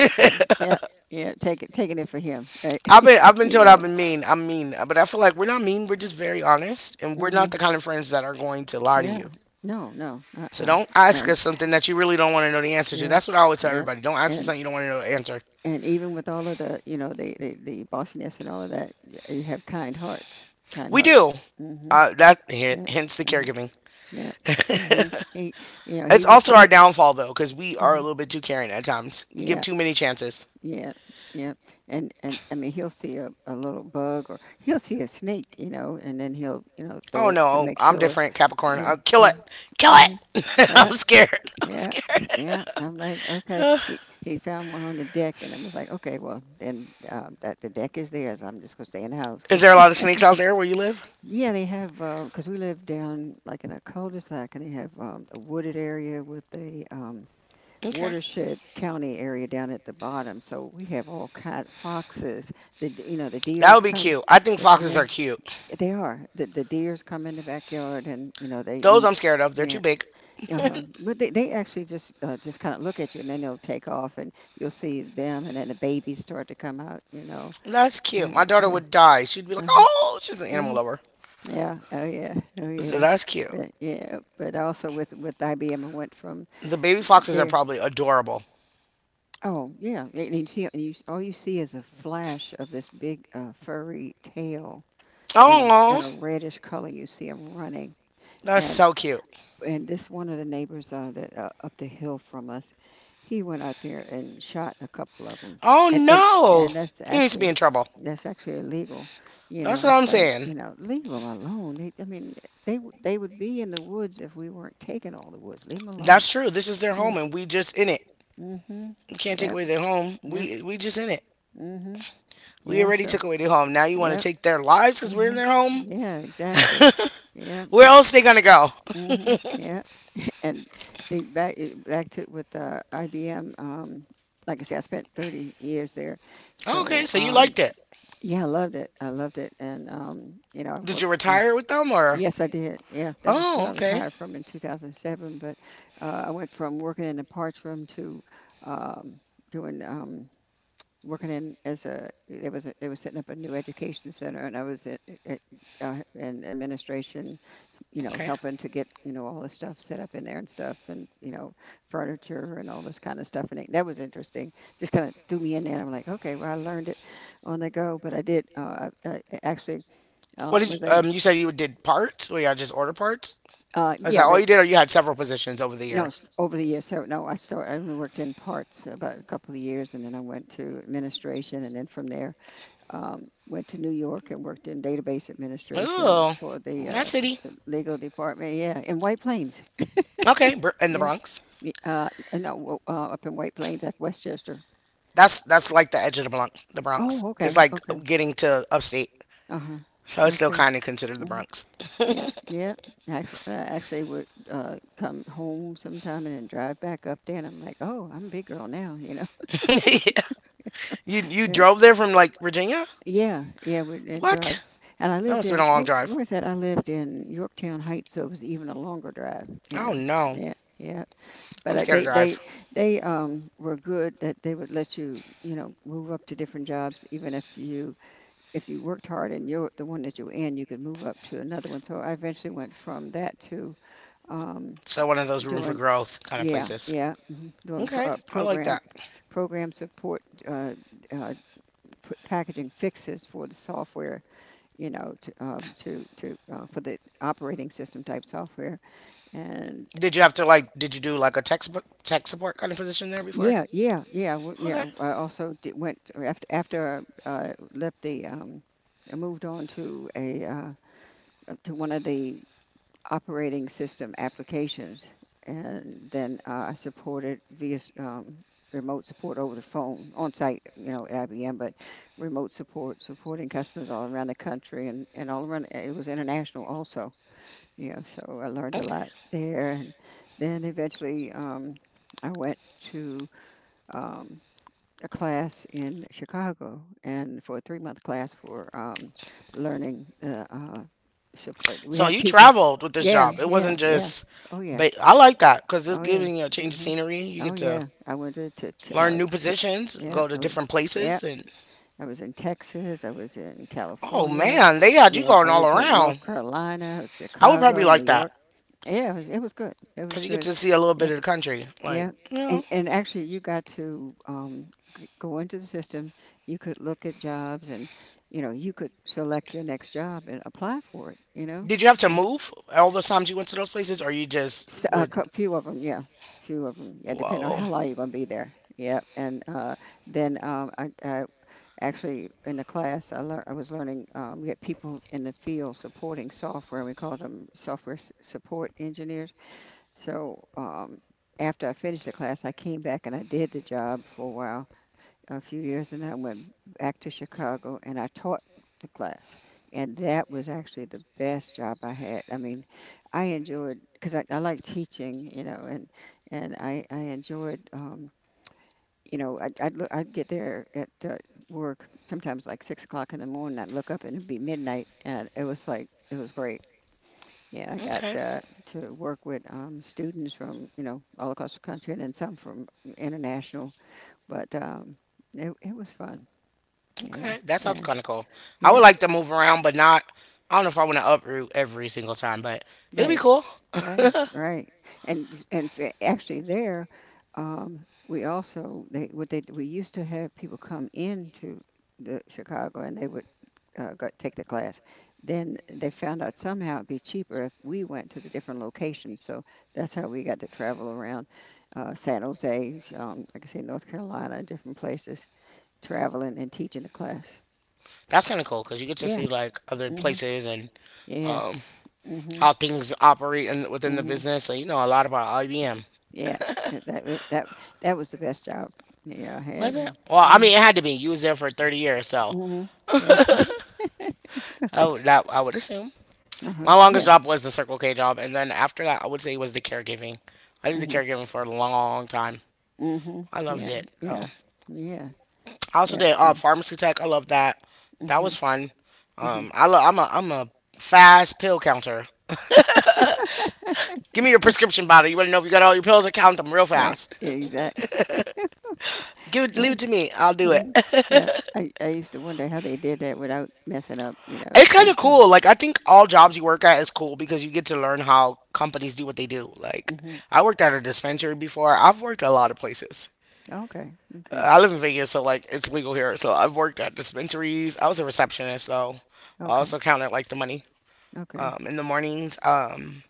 B: Yeah, yeah. Take it, taking it for him, right?
A: I've been I've been
B: He
A: told I've
B: won't.
A: been mean. I'm mean, but I feel like we're not mean. We're just very honest, and we're not the
B: Mhm.
A: kind of friends that are going to lie to
B: Yeah.
A: you.
B: No, no.
A: So
B: Uh-uh.
A: don't ask
B: And
A: us something that you really don't want to know the answer to.
B: yeah.
A: That's what I always tell
B: Yeah.
A: everybody. Don't ask us
B: And
A: something you don't want to know the answer.
B: and even with all of the, you know, the the, the bossiness and all of that, y- you have kind hearts. Kind
A: We
B: hearts.
A: do.
B: Mm-hmm.
A: Uh, that h-
B: Yeah.
A: hence the
B: Mm-hmm.
A: caregiving.
B: Yeah. Mm-hmm. He, you know,
A: It's
B: he would.
A: also our
B: He,
A: downfall though, because we are a
B: mhm.
A: little bit too caring at times. We give
B: Yeah.
A: too many chances.
B: Yeah. Yeah. And and I mean, he'll see a, a little bug or he'll see a snake, you know, and then he'll, you know,
A: Oh
B: throw it to
A: no,
B: make
A: I'm
B: sure.
A: different, Capricorn.
B: Yeah.
A: I'll kill it, kill
B: Mm-hmm.
A: it. I'm scared. I'm
B: Yeah,
A: scared.
B: yeah. I'm like, okay. He he found one on the deck, and I was like, okay, well, then um, that the deck is theirs. I'm just gonna stay in the house.
A: Is there a lot of snakes out there where you live?
B: Yeah, they have because we live down like in a cul-de-sac, and they have um, a wooded area with a um,
A: Okay,
B: watershed county area down at the bottom. So we have all kind foxes. The d- you know the
A: that
B: deers
A: would be
B: come.
A: cute. I think
B: The,
A: foxes
B: yeah,
A: are cute.
B: they are. The the deers come in the backyard, and you know they
A: Those
B: eat.
A: I'm scared of. They're too big.
B: Uh-huh. But they, they actually just uh, just kind of look at you, and then they'll take off, and you'll see them, and then the babies start to come out, you know.
A: That's cute.
B: And
A: My daughter
B: yeah.
A: would die. She'd be like,
B: uh
A: oh, she's an animal
B: hmm.
A: lover.
B: Yeah. Oh yeah. Oh
A: So
B: yeah.
A: that's cute.
B: But, yeah. But also with with I B M, I went from
A: The baby foxes are
B: there.
A: probably adorable.
B: Oh yeah. And you see, you, s- all you see is a flash of this big uh, furry tail and a,
A: Oh,
B: and a reddish color. You see them running.
A: that's
B: And
A: so cute.
B: and this one of the neighbors uh, that, uh, up the hill from us, he went out there and shot a couple of them,
A: Oh
B: and and
A: no.
B: and that's
A: He needs to
B: actually
A: be in trouble.
B: that's actually illegal. You know,
A: That's what
B: it's
A: I'm
B: like
A: saying.
B: you know, leave them alone. They, I mean, they w- they would be in the woods if we weren't taking all the woods. Leave them alone.
A: That's true. This is their
B: Yeah.
A: home and we just in it.
B: Mhm.
A: You can't take
B: Yep.
A: away their home.
B: Yep.
A: We we just in it.
B: Mhm.
A: We
B: Yeah.
A: already
B: So.
A: took away their home. Now you want to
B: Yep.
A: take their lives because we're in
B: Mhm.
A: their home?
B: Yeah. Exactly. Yeah.
A: Where
B: I.
A: else they gonna go?
B: Mhm. Yeah. And think back it- back to with uh, I B M. Um, like I said, I spent thirty years there, so
A: Okay, so you
B: um,
A: liked it.
B: yeah, I loved it. I loved it, and um, you know, I
A: Did you
B: worked. Uh,
A: retire with them or?
B: yes, I did. Yeah, that was who I
A: Oh, okay,
B: retired from in two thousand seven. But uh, I went from working in the parts room to um, doing. Um, Working in as a, it was a, they were setting up a new education center, and I was at, at uh, in administration, you know,
A: okay.
B: helping to get, you know, all the stuff set up in there and stuff and, you know, furniture and all this kind of stuff. And it, that was interesting. Just kind of threw me in there. I'm like, okay, well, I learned it on the go, but I did, uh, I, I actually, uh,
A: What did you,
B: was a,
A: um? You said you did parts. Well, y'all just order parts.
B: uh,
A: Is that
B: yeah,
A: all
B: they,
A: you did, or you had several positions over the
B: no,
A: years?
B: s- over the years. So no, I started, I only worked in parts about a couple of years, and then I went to administration, and then from there, um, went to New York and worked in database administration
A: Oh,
B: for the,
A: my
B: uh,
A: city.
B: the legal department. Yeah. In White Plains.
A: Okay, Br- in the
B: Yeah.
A: Bronx.
B: Y- Uh, n- no, w- uh, Up in White Plains at Westchester.
A: That's that's like the edge of the Bronx. The Bronx.
B: Oh,
A: It's
B: okay,
A: like
B: okay,
A: getting to upstate,
B: uh-huh,
A: so it's still
B: okay.
A: kind of considered the
B: Hmm.
A: Bronx.
B: Yeah, yeah. Actually, I actually would uh, come home sometime and then drive back up there, and I'm like, oh, I'm a big girl now, you know.
A: You you
B: Yeah,
A: drove there from like Virginia?
B: yeah, yeah. Would and drive,
A: What?
B: and I
A: That
B: lived
A: must have
B: in
A: been a long
B: wh- where
A: drive.
B: was that? I lived in Yorktown Heights, so it was even a longer drive, you
A: Oh
B: know.
A: no,
B: Yeah, yeah. But
A: I'm
B: I,
A: scared to
B: they
A: drive.
B: they they um were good that they would let you you know move up to different jobs, even if you if you worked hard and you're the one that you're in, you could move up to another one. So I eventually went from that to um,
A: So one of those room for
B: doing,
A: growth kind of
B: yeah,
A: places.
B: yeah, mhm, doing
A: Okay,
B: pro- uh,
A: I like
B: program
A: that.
B: program support, uh, uh, p- packaging fixes for the software, you know, to um, to to uh, for the operating system type software. And
A: Did you have to like? Did you do like a tech support, tech support kind of position there before?
B: yeah, yeah, yeah, w- yeah.
A: Okay,
B: I also did, went after after I uh, left the. Um, I moved on to a uh, to one of the operating system applications, and then uh, I supported via s- um, remote support over the phone on site, you know, at I B M, but remote support, supporting customers all around the country, and, and all around, it was international also, you know, so I learned a
A: okay.
B: lot there. And then eventually um, I went to um, a class in Chicago, and for a three month class for um, learning. Uh, uh, sup- uh, we
A: So
B: had
A: you
B: people.
A: traveled with this
B: Yeah,
A: job. It
B: yeah,
A: wasn't
B: yeah.
A: just.
B: Oh yeah,
A: But I like that because it's
B: oh yeah.
A: giving you a change of
B: Hmm.
A: scenery. You
B: Oh
A: get to
B: yeah. I went to, to, to uh,
A: learn new
B: t-
A: positions,
B: yeah,
A: go to
B: I was-
A: different
B: yeah.
A: places, and
B: I was in Texas. I was in
A: oh
B: California.
A: man,
B: uh,
A: they had you
B: Yeah,
A: going
B: I
A: all
B: was in North
A: around.
B: Carolina. I was
A: I would probably
B: Chicago,
A: like
B: New
A: that
B: York. Yeah, it was it was good. It was
A: because you get
B: good.
A: to see a little
B: Yeah.
A: bit of the country. Like,
B: Yeah.
A: you
B: And
A: know,
B: and actually, you got to um g- go into the system. You could look at jobs, and you know, you could select your next job and apply for it, you know.
A: did you have to
B: Yeah.
A: move all those times you went to those places, or you just
B: S- A
A: would?
B: cou- few of them, yeah. Few of them. Yeah, depending on
A: Whoa,
B: how long you're going to be there. Yeah. And uh then um I, I actually in the class I learned, I was learning, um we had people in the field supporting software. We called them software s- support engineers. So um, after I finished the class, I came back and I did the job for a while, a few years, and I went back to Chicago and I taught the class. And that was actually the best job I had. I mean, I enjoyed because I, I like teaching, you know, and and I I enjoyed. Um, you know, I'd, I'd, look, I'd get there at uh, work sometimes like six o'clock in the morning. I'd look up and it'd be midnight, and it was like, it was great. Yeah, I got
A: okay,
B: uh, to work with um, students from, you know, all across the country, and then some from international, but um, it, it was fun. Yeah.
A: okay, that sounds
B: And
A: kind of cool. I
B: yeah,
A: would like to move around, but not. I don't know if I want to uproot every single time, but it'd be
B: right,
A: cool.
B: right, right. And and fa- actually, there, um, we also they what they we used to have people come into the Chicago, and they would uh, go, take the class. Then they found out somehow it'd be cheaper if we went to the different locations. So that's how we got to travel around, uh, San Jose, um, like I say, North Carolina, different places, traveling and teaching the class.
A: That's kind of cool because you get to
B: Yeah.
A: see like other
B: Hmm.
A: places and
B: Yes.
A: um,
B: Hmm.
A: how things operate in, within the
B: Hmm.
A: business. So you know a lot about I B M.
B: Yes, uh, that w that that was the best job, yeah, I
A: Was
B: had.
A: it?
B: And
A: Well, I
B: mm,
A: mean, it had to be. You was there for thirty years, so
B: mhm, yeah,
A: I would, that, I would assume.
B: uh-huh,
A: My longest
B: yeah.
A: job was the Circle K job, and then after that, I would say it was the caregiving. I did the
B: Mhm.
A: caregiving for a long time.
B: Mhm.
A: I loved
B: Yeah,
A: it. Oh.
B: yeah, yeah,
A: I also
B: yeah,
A: did
B: uh,
A: uh, pharmacy tech. I loved that. That was
B: mhm.
A: fun.
B: Mhm.
A: Um, I lo- I'm a I'm a fast pill counter. Give me your prescription bottle. You want to know if you got all your pills? I count them real
B: Right.
A: fast.
B: Exactly.
A: Give it,
B: Yeah.
A: leave it to me. I'll do it.
B: Mhm, yeah, I I used to wonder how they did that without messing up, you know.
A: It's kind
B: And
A: of
B: so
A: cool. Like, I think all jobs you work at is cool because you get to learn how companies do what they do. Like,
B: mhm.
A: I worked at a dispensary before. I've worked at a lot of places.
B: Okay,
A: Uh,
B: okay,
A: I live in Vegas, so like it's legal here. So I've worked at dispensaries. I was a receptionist, so I
B: okay,
A: also counted like the money.
B: okay.
A: Um, in the mornings, um,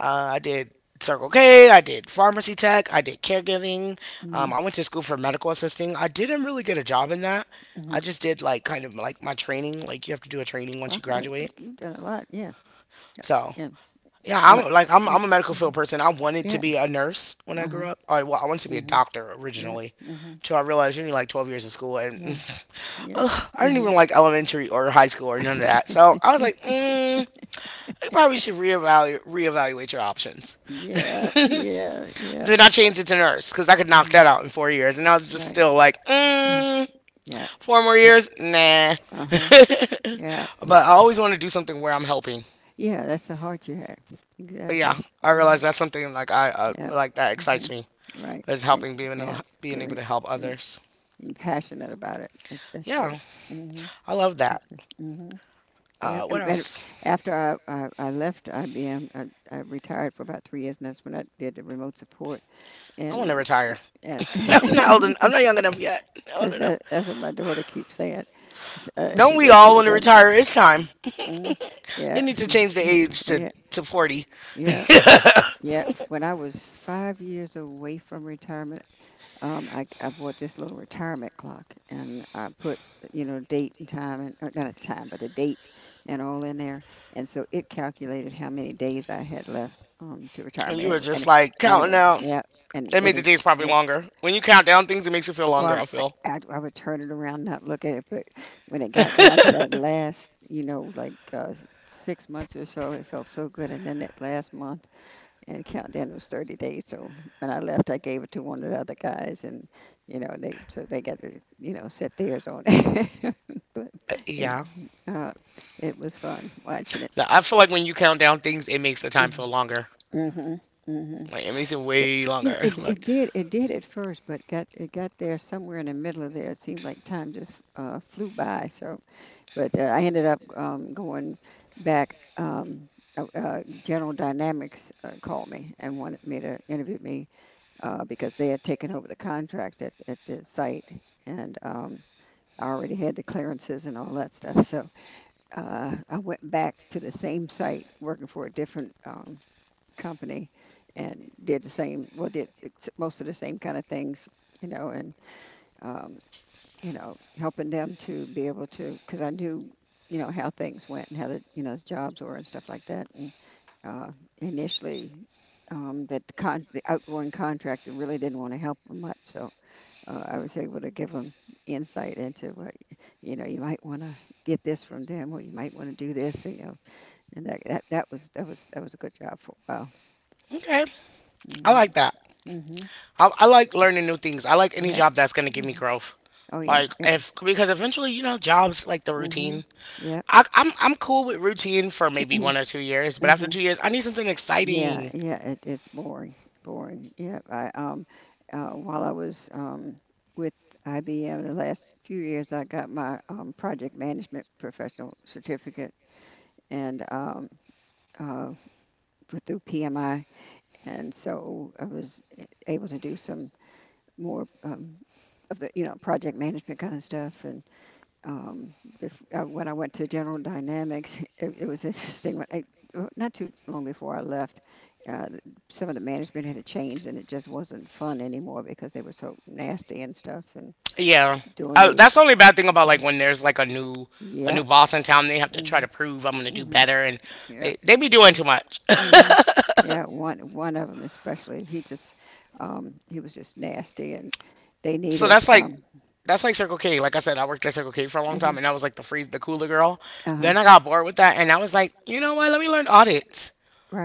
A: uh, I did Circle K. I did pharmacy tech. I did caregiving. Um,
B: Mhm.
A: I went to school for medical assisting. I didn't really get a job in that.
B: Mhm.
A: I just did like kind of like my training. Like, you have to do a training once
B: Wow,
A: you
B: you
A: graduate.
B: you've done a lot, yeah,
A: So,
B: yeah,
A: yeah,
B: and I
A: I'm like I'm
B: yeah,
A: I'm a medical field person. I wanted to
B: yeah,
A: be a nurse when I
B: uh-huh.
A: grew up. I, well, I wanted to be a
B: Mhm.
A: doctor
B: Yeah.
A: originally,
B: Mhm.
A: till I realized you need like twelve years of school, and
B: Yeah. Yeah.
A: ugh, I didn't even
B: Mhm.
A: like elementary or high school or none of that. So I was like, mm, you probably should reevaluate reevaluate your options.
B: Yeah. Yeah. Yeah.
A: Then I changed it to nurse because I could knock
B: Mhm.
A: that out in four years, and I was just
B: Right.
A: still like,
B: Mm.
A: mm,
B: Yeah.
A: four more
B: Right.
A: years, nah.
B: Uh huh. Yeah. Right.
A: But I always want to do something where I'm helping.
B: Yeah. That's the heart you have.
A: But yeah,
B: Exactly.
A: I
B: Mhm.
A: realize that's something like I uh,
B: Yeah.
A: like that excites
B: Mhm.
A: me.
B: Right.
A: But it's
B: And
A: helping being able,
B: yeah.
A: being able
B: You
A: to help
B: you
A: others.
B: you're passionate about it. It's, that's good.
A: Yeah,
B: Mhm.
A: I love that.
B: That's good. Mhm. Yeah.
A: Uh, what
B: And, and
A: else?
B: after I, I I left I B M, I, I retired for about three years, and that's when I did the remote support
A: I want to
B: and
A: retire.
B: and.
A: I'm not old. En- I'm not young enough yet. Not old
B: That's,
A: enough.
B: that, that's what my daughter keeps saying. She, uh,
A: Don't
B: she
A: we
B: works in
A: all
B: the
A: want to
B: government.
A: retire? It's time.
B: Mm,
A: They
B: yeah,
A: need to
B: she,
A: change the
B: yeah,
A: age to
B: yeah,
A: to forty.
B: yeah, yeah. When I was five years away from retirement, um, I, I bought this little retirement clock, and I put, you know, date and time and uh, not a time, but the date and all in there. And so it calculated how many days I had left um, to
A: And
B: retirement. And,
A: you
B: It,
A: were
B: w- and
A: just
B: it-
A: like
B: and it
A: counting
B: was
A: out.
B: yeah, and
A: It
B: it
A: made the
B: was
A: days probably
B: yeah.
A: longer. When you count down things, it makes it feel longer.
B: Well,
A: I
B: I,
A: feel.
B: I, I would turn it around, not look at it, but when it got down to that last, you know, like uh, six months or so, it felt so good. And then that last month and countdown was thirty days. So when I left, I gave it to one of the other guys, and you know, they, so they got to, you know, set theirs on it. But
A: Uh,
B: yeah.
A: yeah.
B: Uh, it was fun watching it.
A: No, I feel like when you count down things, it makes the
B: Mm.
A: time feel longer.
B: Mhm, mhm, mhm.
A: Like, it makes it
B: It-
A: way
B: You know,
A: longer.
B: it, it
A: Like,
B: did it did at first, but got, it got there somewhere in the middle of there. It seemed like time just uh, flew by. So, but uh, I ended up um, going back. Um, uh, uh, General Dynamics uh, called me and wanted me to interview me uh, because they had taken over the contract at at the site, and um, I already had the clearances and all that stuff. So uh, I went back to the same site working for a different um, company, and did the same, well, did ex- most of the same kind of things, you know, and, um, you know, helping them to be able to, because I knew, you know, how things went, and how the, you know, jobs were and stuff like that. And uh, initially, um, that the, con- the outgoing contractor really didn't want to help them much. So uh, I was able to give them insight into what, you know. You might want to get this from them, or you might want to do this. You know. And that, that that was that was that was a good job for a while.
A: okay, I
B: Mm-hmm.
A: like that.
B: Mm-hmm.
A: I, I like learning new things. I like any
B: Yep.
A: job that's gonna give me
B: Hmm.
A: growth.
B: Oh yeah.
A: Like,
B: Yeah.
A: if because eventually you know jobs like the
B: Mm-hmm.
A: routine.
B: Yep.
A: I, I'm I'm cool with routine for maybe one or two years, but after
B: Mm-hmm.
A: two years, I need something
B: Yeah,
A: exciting.
B: yeah, it, it's boring, boring. Yeah, I um, uh, while I was um with I B M the last few years, I got my um project management professional certificate, and um, uh, for, through P M I, and so I was able to do some more um, of the, you know, project management kind of stuff. And um, bef- uh, when I went to General Dynamics, it, it was interesting. When I, uh, not too long before I left, uh, some of the management had changed, and it just wasn't fun anymore because they were so nasty and stuff, and
A: Yeah,
B: doing
A: uh,
B: these.
A: that's the only bad thing about
B: Mhm.
A: like when there's like a new a
B: Yeah.
A: new boss in town. They have to try
B: Hmm.
A: to prove I'm gonna do
B: Hmm.
A: better, and
B: Yeah.
A: they they be doing too much.
B: Mm-hmm. Yeah, one one of them especially. He just um he was just nasty, and they
A: So
B: needed
A: that's like
B: um,
A: that's like Circle K. Like I said, I worked at Circle K for a long time,
B: mhm,
A: and I was like the freeze, the cooler girl.
B: uh-huh.
A: Then I got bored with that, and I was like, you know what? Let me learn audits.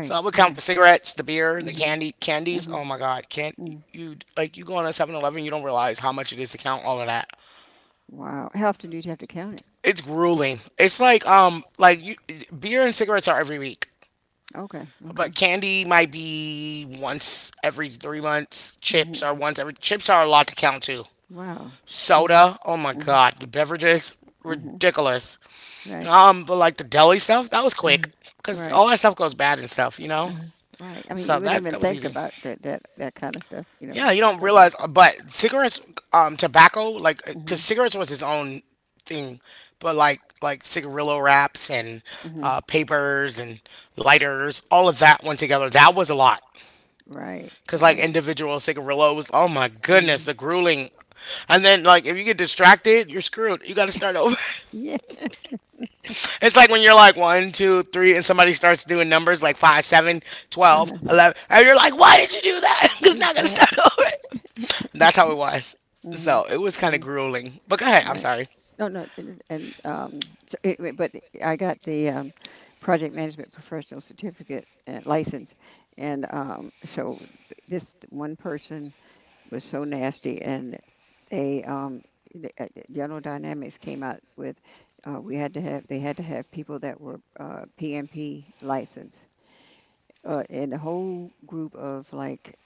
A: So I would count
B: right.
A: the cigarettes, the beer, the
B: Mhm.
A: candy, candies.
B: Mhm.
A: Oh my God, can't
B: Mm.
A: you like, you go on a seven-Eleven, you don't realize how much it is to count all of that.
B: Wow. How often did you have to count it?
A: It's grueling. It's like um like you, beer and cigarettes are every week,
B: Okay,
A: but
B: okay.
A: candy might be once every three months. Chips
B: Mhm.
A: are once every. Chips are a lot to count too.
B: Wow. Mhm.
A: Soda. Oh my
B: Mhm.
A: God, the beverages
B: Mhm.
A: ridiculous.
B: Right.
A: Um, but like the deli stuff, that was
B: Uh,
A: quick because
B: right.
A: all that stuff goes bad and stuff, you
B: Uh,
A: know.
B: right. I mean, you
A: So
B: wouldn't
A: that
B: even
A: that was
B: think
A: easy.
B: about that that that kind of stuff, you know,
A: Yeah, you
B: it
A: don't
B: goes on.
A: realize, uh, but cigarettes, um, tobacco, like, because
B: Mhm.
A: cigarettes was his own thing, but like, like cigarillo wraps and
B: Mhm.
A: uh, papers and lighters, all of that went together. That was a lot.
B: Right.
A: Because, like,
B: Right.
A: individual cigarillos, oh my
B: Mhm.
A: goodness, the grueling. And then, like, if you get distracted, you're screwed. You got to start over.
B: Yeah.
A: It's like when you're like one, two, three, and somebody starts doing numbers like five, seven, twelve,
B: Uh-huh.
A: eleven, and you're like, why did you do that? It's not going to start over. That's how it was. So it was
B: Mm-hmm.
A: kind of grueling. But go ahead.
B: Mm-hmm.
A: I'm
B: Right.
A: sorry.
B: No, no, and, and um, so anyway, but I got the um, project management professional certificate and license, and um, so this one person was so nasty, and they um, the, uh, the General Dynamics came out with, uh, we had to have they had to have people that were uh, P M P licensed, uh, and the whole group of like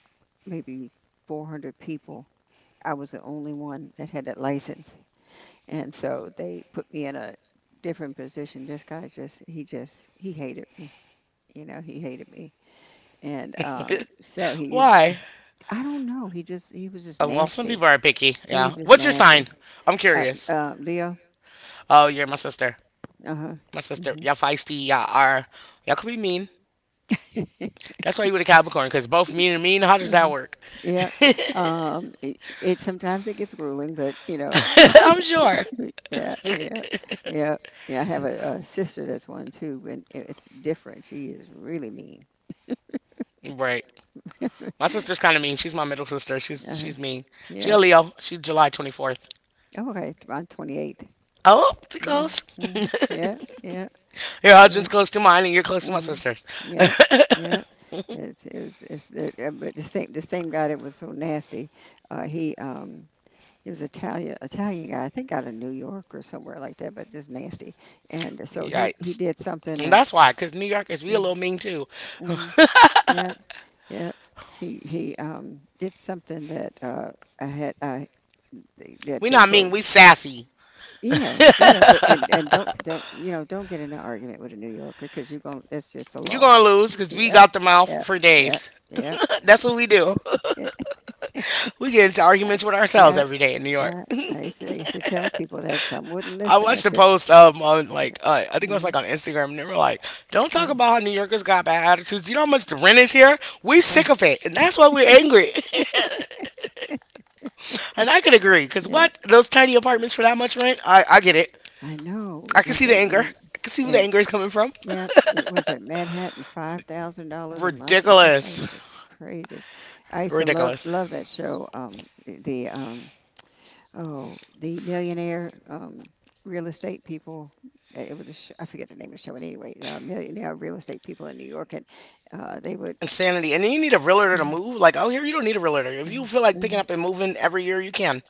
B: maybe four hundred people. I was the only one that had that license. And so they put me in a different position. This guy just, he just, he hated me. You know, he hated me. And um, so he,
A: Why?
B: I don't know, he just, he was just
A: Oh, well, some
B: nasty.
A: people are picky.
B: He was
A: Yeah.
B: just
A: What's your
B: nasty.
A: sign? I'm
B: Uh,
A: curious.
B: uh, Leo?
A: Oh, you're my sister.
B: Uh huh.
A: My sister.
B: Hmm.
A: Y'all feisty. Y'all are. Y'all could be mean.
B: Hmm.
A: That's why you were a Capricorn, because both mean and mean. How does that work?
B: Yeah. Um, it, it sometimes it gets grueling, but you know,
A: I'm sure.
B: yeah, yeah, yeah, yeah. I have a, a sister that's one too, and it- it's different. She is really mean.
A: Right. My sister's kind of mean. She's my middle sister. She's
B: Uh-huh.
A: she's mean. She
B: Yeah.
A: a Leo. She's July twenty-fourth.
B: Oh, okay. t- I'm twenty-eight.
A: Oh, too
B: Yeah.
A: close.
B: Mm-hmm. Yeah. Yeah.
A: Your
B: Yeah.
A: husband's close to mine, and you're close to my
B: Mm-hmm.
A: sister's.
B: Yeah. Yeah. It's it was it's the uh, but the same the same guy that was so nasty. Uh, he um He was Italian Italian guy, I think out of New York or somewhere like that, but just nasty. And so he he
A: Yikes.
B: did something
A: And
B: that
A: that's why, because New Yorkers, we
B: yeah.
A: a little mean too.
B: Mm, yeah, yeah. He he um did something that uh I had uh that
A: We
B: they
A: not
B: pro
A: mean, we sassy.
B: yeah, yeah, but and and don't don't you know don't get in an argument with a New Yorker because you're gonna it's just a
A: You
B: loss.
A: going to lose because we
B: Yeah,
A: got the mouth
B: yeah,
A: for
B: yeah,
A: days.
B: yeah,
A: That's what we do. We get into arguments with ourselves
B: yeah,
A: every day in New York.
B: yeah. I used to, I used to tell people that some wouldn't
A: I
B: listen, I
A: watched a
B: said
A: post um, on, like, uh, I think it was
B: mhm,
A: like on Instagram, and they were like, don't talk
B: right,
A: about how New Yorkers got bad attitudes. You know how much the rent is here? We
B: right.
A: sick of it. And that's why we're angry. And I could agree, because
B: Yeah,
A: what? Those tiny apartments for that much rent? I, I get it.
B: I know,
A: I can
B: like,
A: see the
B: it,
A: anger.
B: and,
A: I can see where the
B: and
A: anger is coming from.
B: yeah, it was at Manhattan, five thousand dollars a month and stuff like
A: Ridiculous.
B: that. It's crazy. I used to love
A: Ridiculous.
B: love that show. Um, the um, oh, the millionaire um, real estate people. Uh, It was a sh- I forget the name of the show, but anyway, uh, millionaire real estate people in New York, and uh, they would.
A: Insanity. And then you need a realtor to
B: Mm-hmm,
A: move. Like, out here, you don't need a realtor. If you feel like picking
B: mm-hmm,
A: up and moving every year, you can.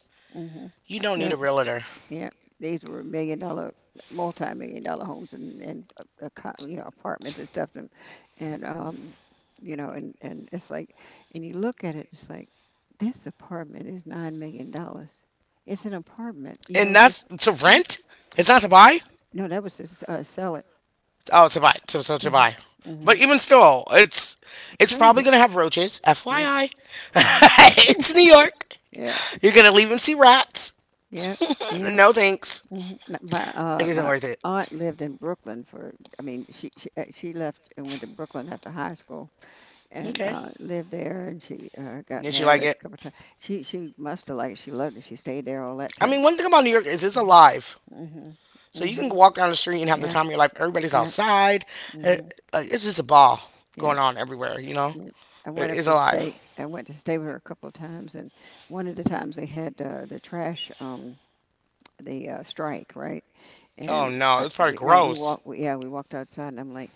A: You don't need
B: hmm,
A: a realtor.
B: yeah, these were million dollar, multi-million dollar homes and and a- a co- you know, apartments and stuff and and um you know and and it's like and you look at it, it's like this apartment is nine million dollars. It's an apartment, you
A: And
B: know.
A: that's
B: Just
A: to
B: Mm.
A: rent. It's not to buy.
B: No, that was just uh, sell it.
A: Oh, to buy. So, so to
B: Hmm,
A: buy.
B: hmm.
A: But even still, it's
B: It's
A: it's probably
B: crazy.
A: gonna have roaches.
B: Yeah.
A: F Y I,
B: Hmm.
A: it's New York.
B: Yeah.
A: You're gonna leave and see rats.
B: Yeah. Yeah.
A: No thanks.
B: Hmm. My
A: It
B: uh,
A: isn't
B: my
A: worth it.
B: aunt lived in Brooklyn for. I mean, she she uh, she left and went to Brooklyn after high school and
A: Okay.
B: uh, lived there. And she uh, got
A: Did you like
B: married a
A: it?
B: couple times. She she must have liked it. She loved it. She stayed there all that
A: I
B: time.
A: mean, one thing about New York is it's
B: Mhm.
A: alive.
B: Mhm.
A: So you can
B: Mhm.
A: walk down the street and have the
B: Yeah.
A: time of your life. Everybody's
B: Yeah.
A: outside. Uh,
B: Mhm.
A: like, it's just a ball
B: Yeah.
A: going on everywhere, you know?
B: Yeah. I
A: It-
B: went up
A: It's
B: to
A: alive.
B: stay. I went to stay with her a couple of times, and one of the times they had uh, the trash, um, the uh, strike, right?
A: Oh
B: And I,
A: no, it's probably
B: we, you know, we
A: gross.
B: walked. We, yeah, we walked outside, and I'm like,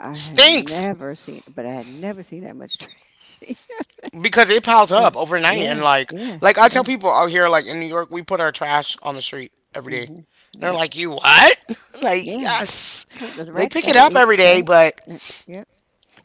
B: I had
A: Stinks
B: never seen, but I had never seen that much trash.
A: because it piles
B: But
A: up overnight and
B: yeah,
A: like
B: yeah,
A: like I
B: yeah.
A: tell people out here like in New York, we put our trash on the street every day.
B: Mhm.
A: They're
B: Yep.
A: like, "You what?" like,
B: Yeah.
A: "Yes."
B: Oh, the
A: They
B: rat's
A: pick
B: got
A: it
B: to
A: up
B: eat,
A: every day,
B: right?
A: but
B: Yeah, yeah.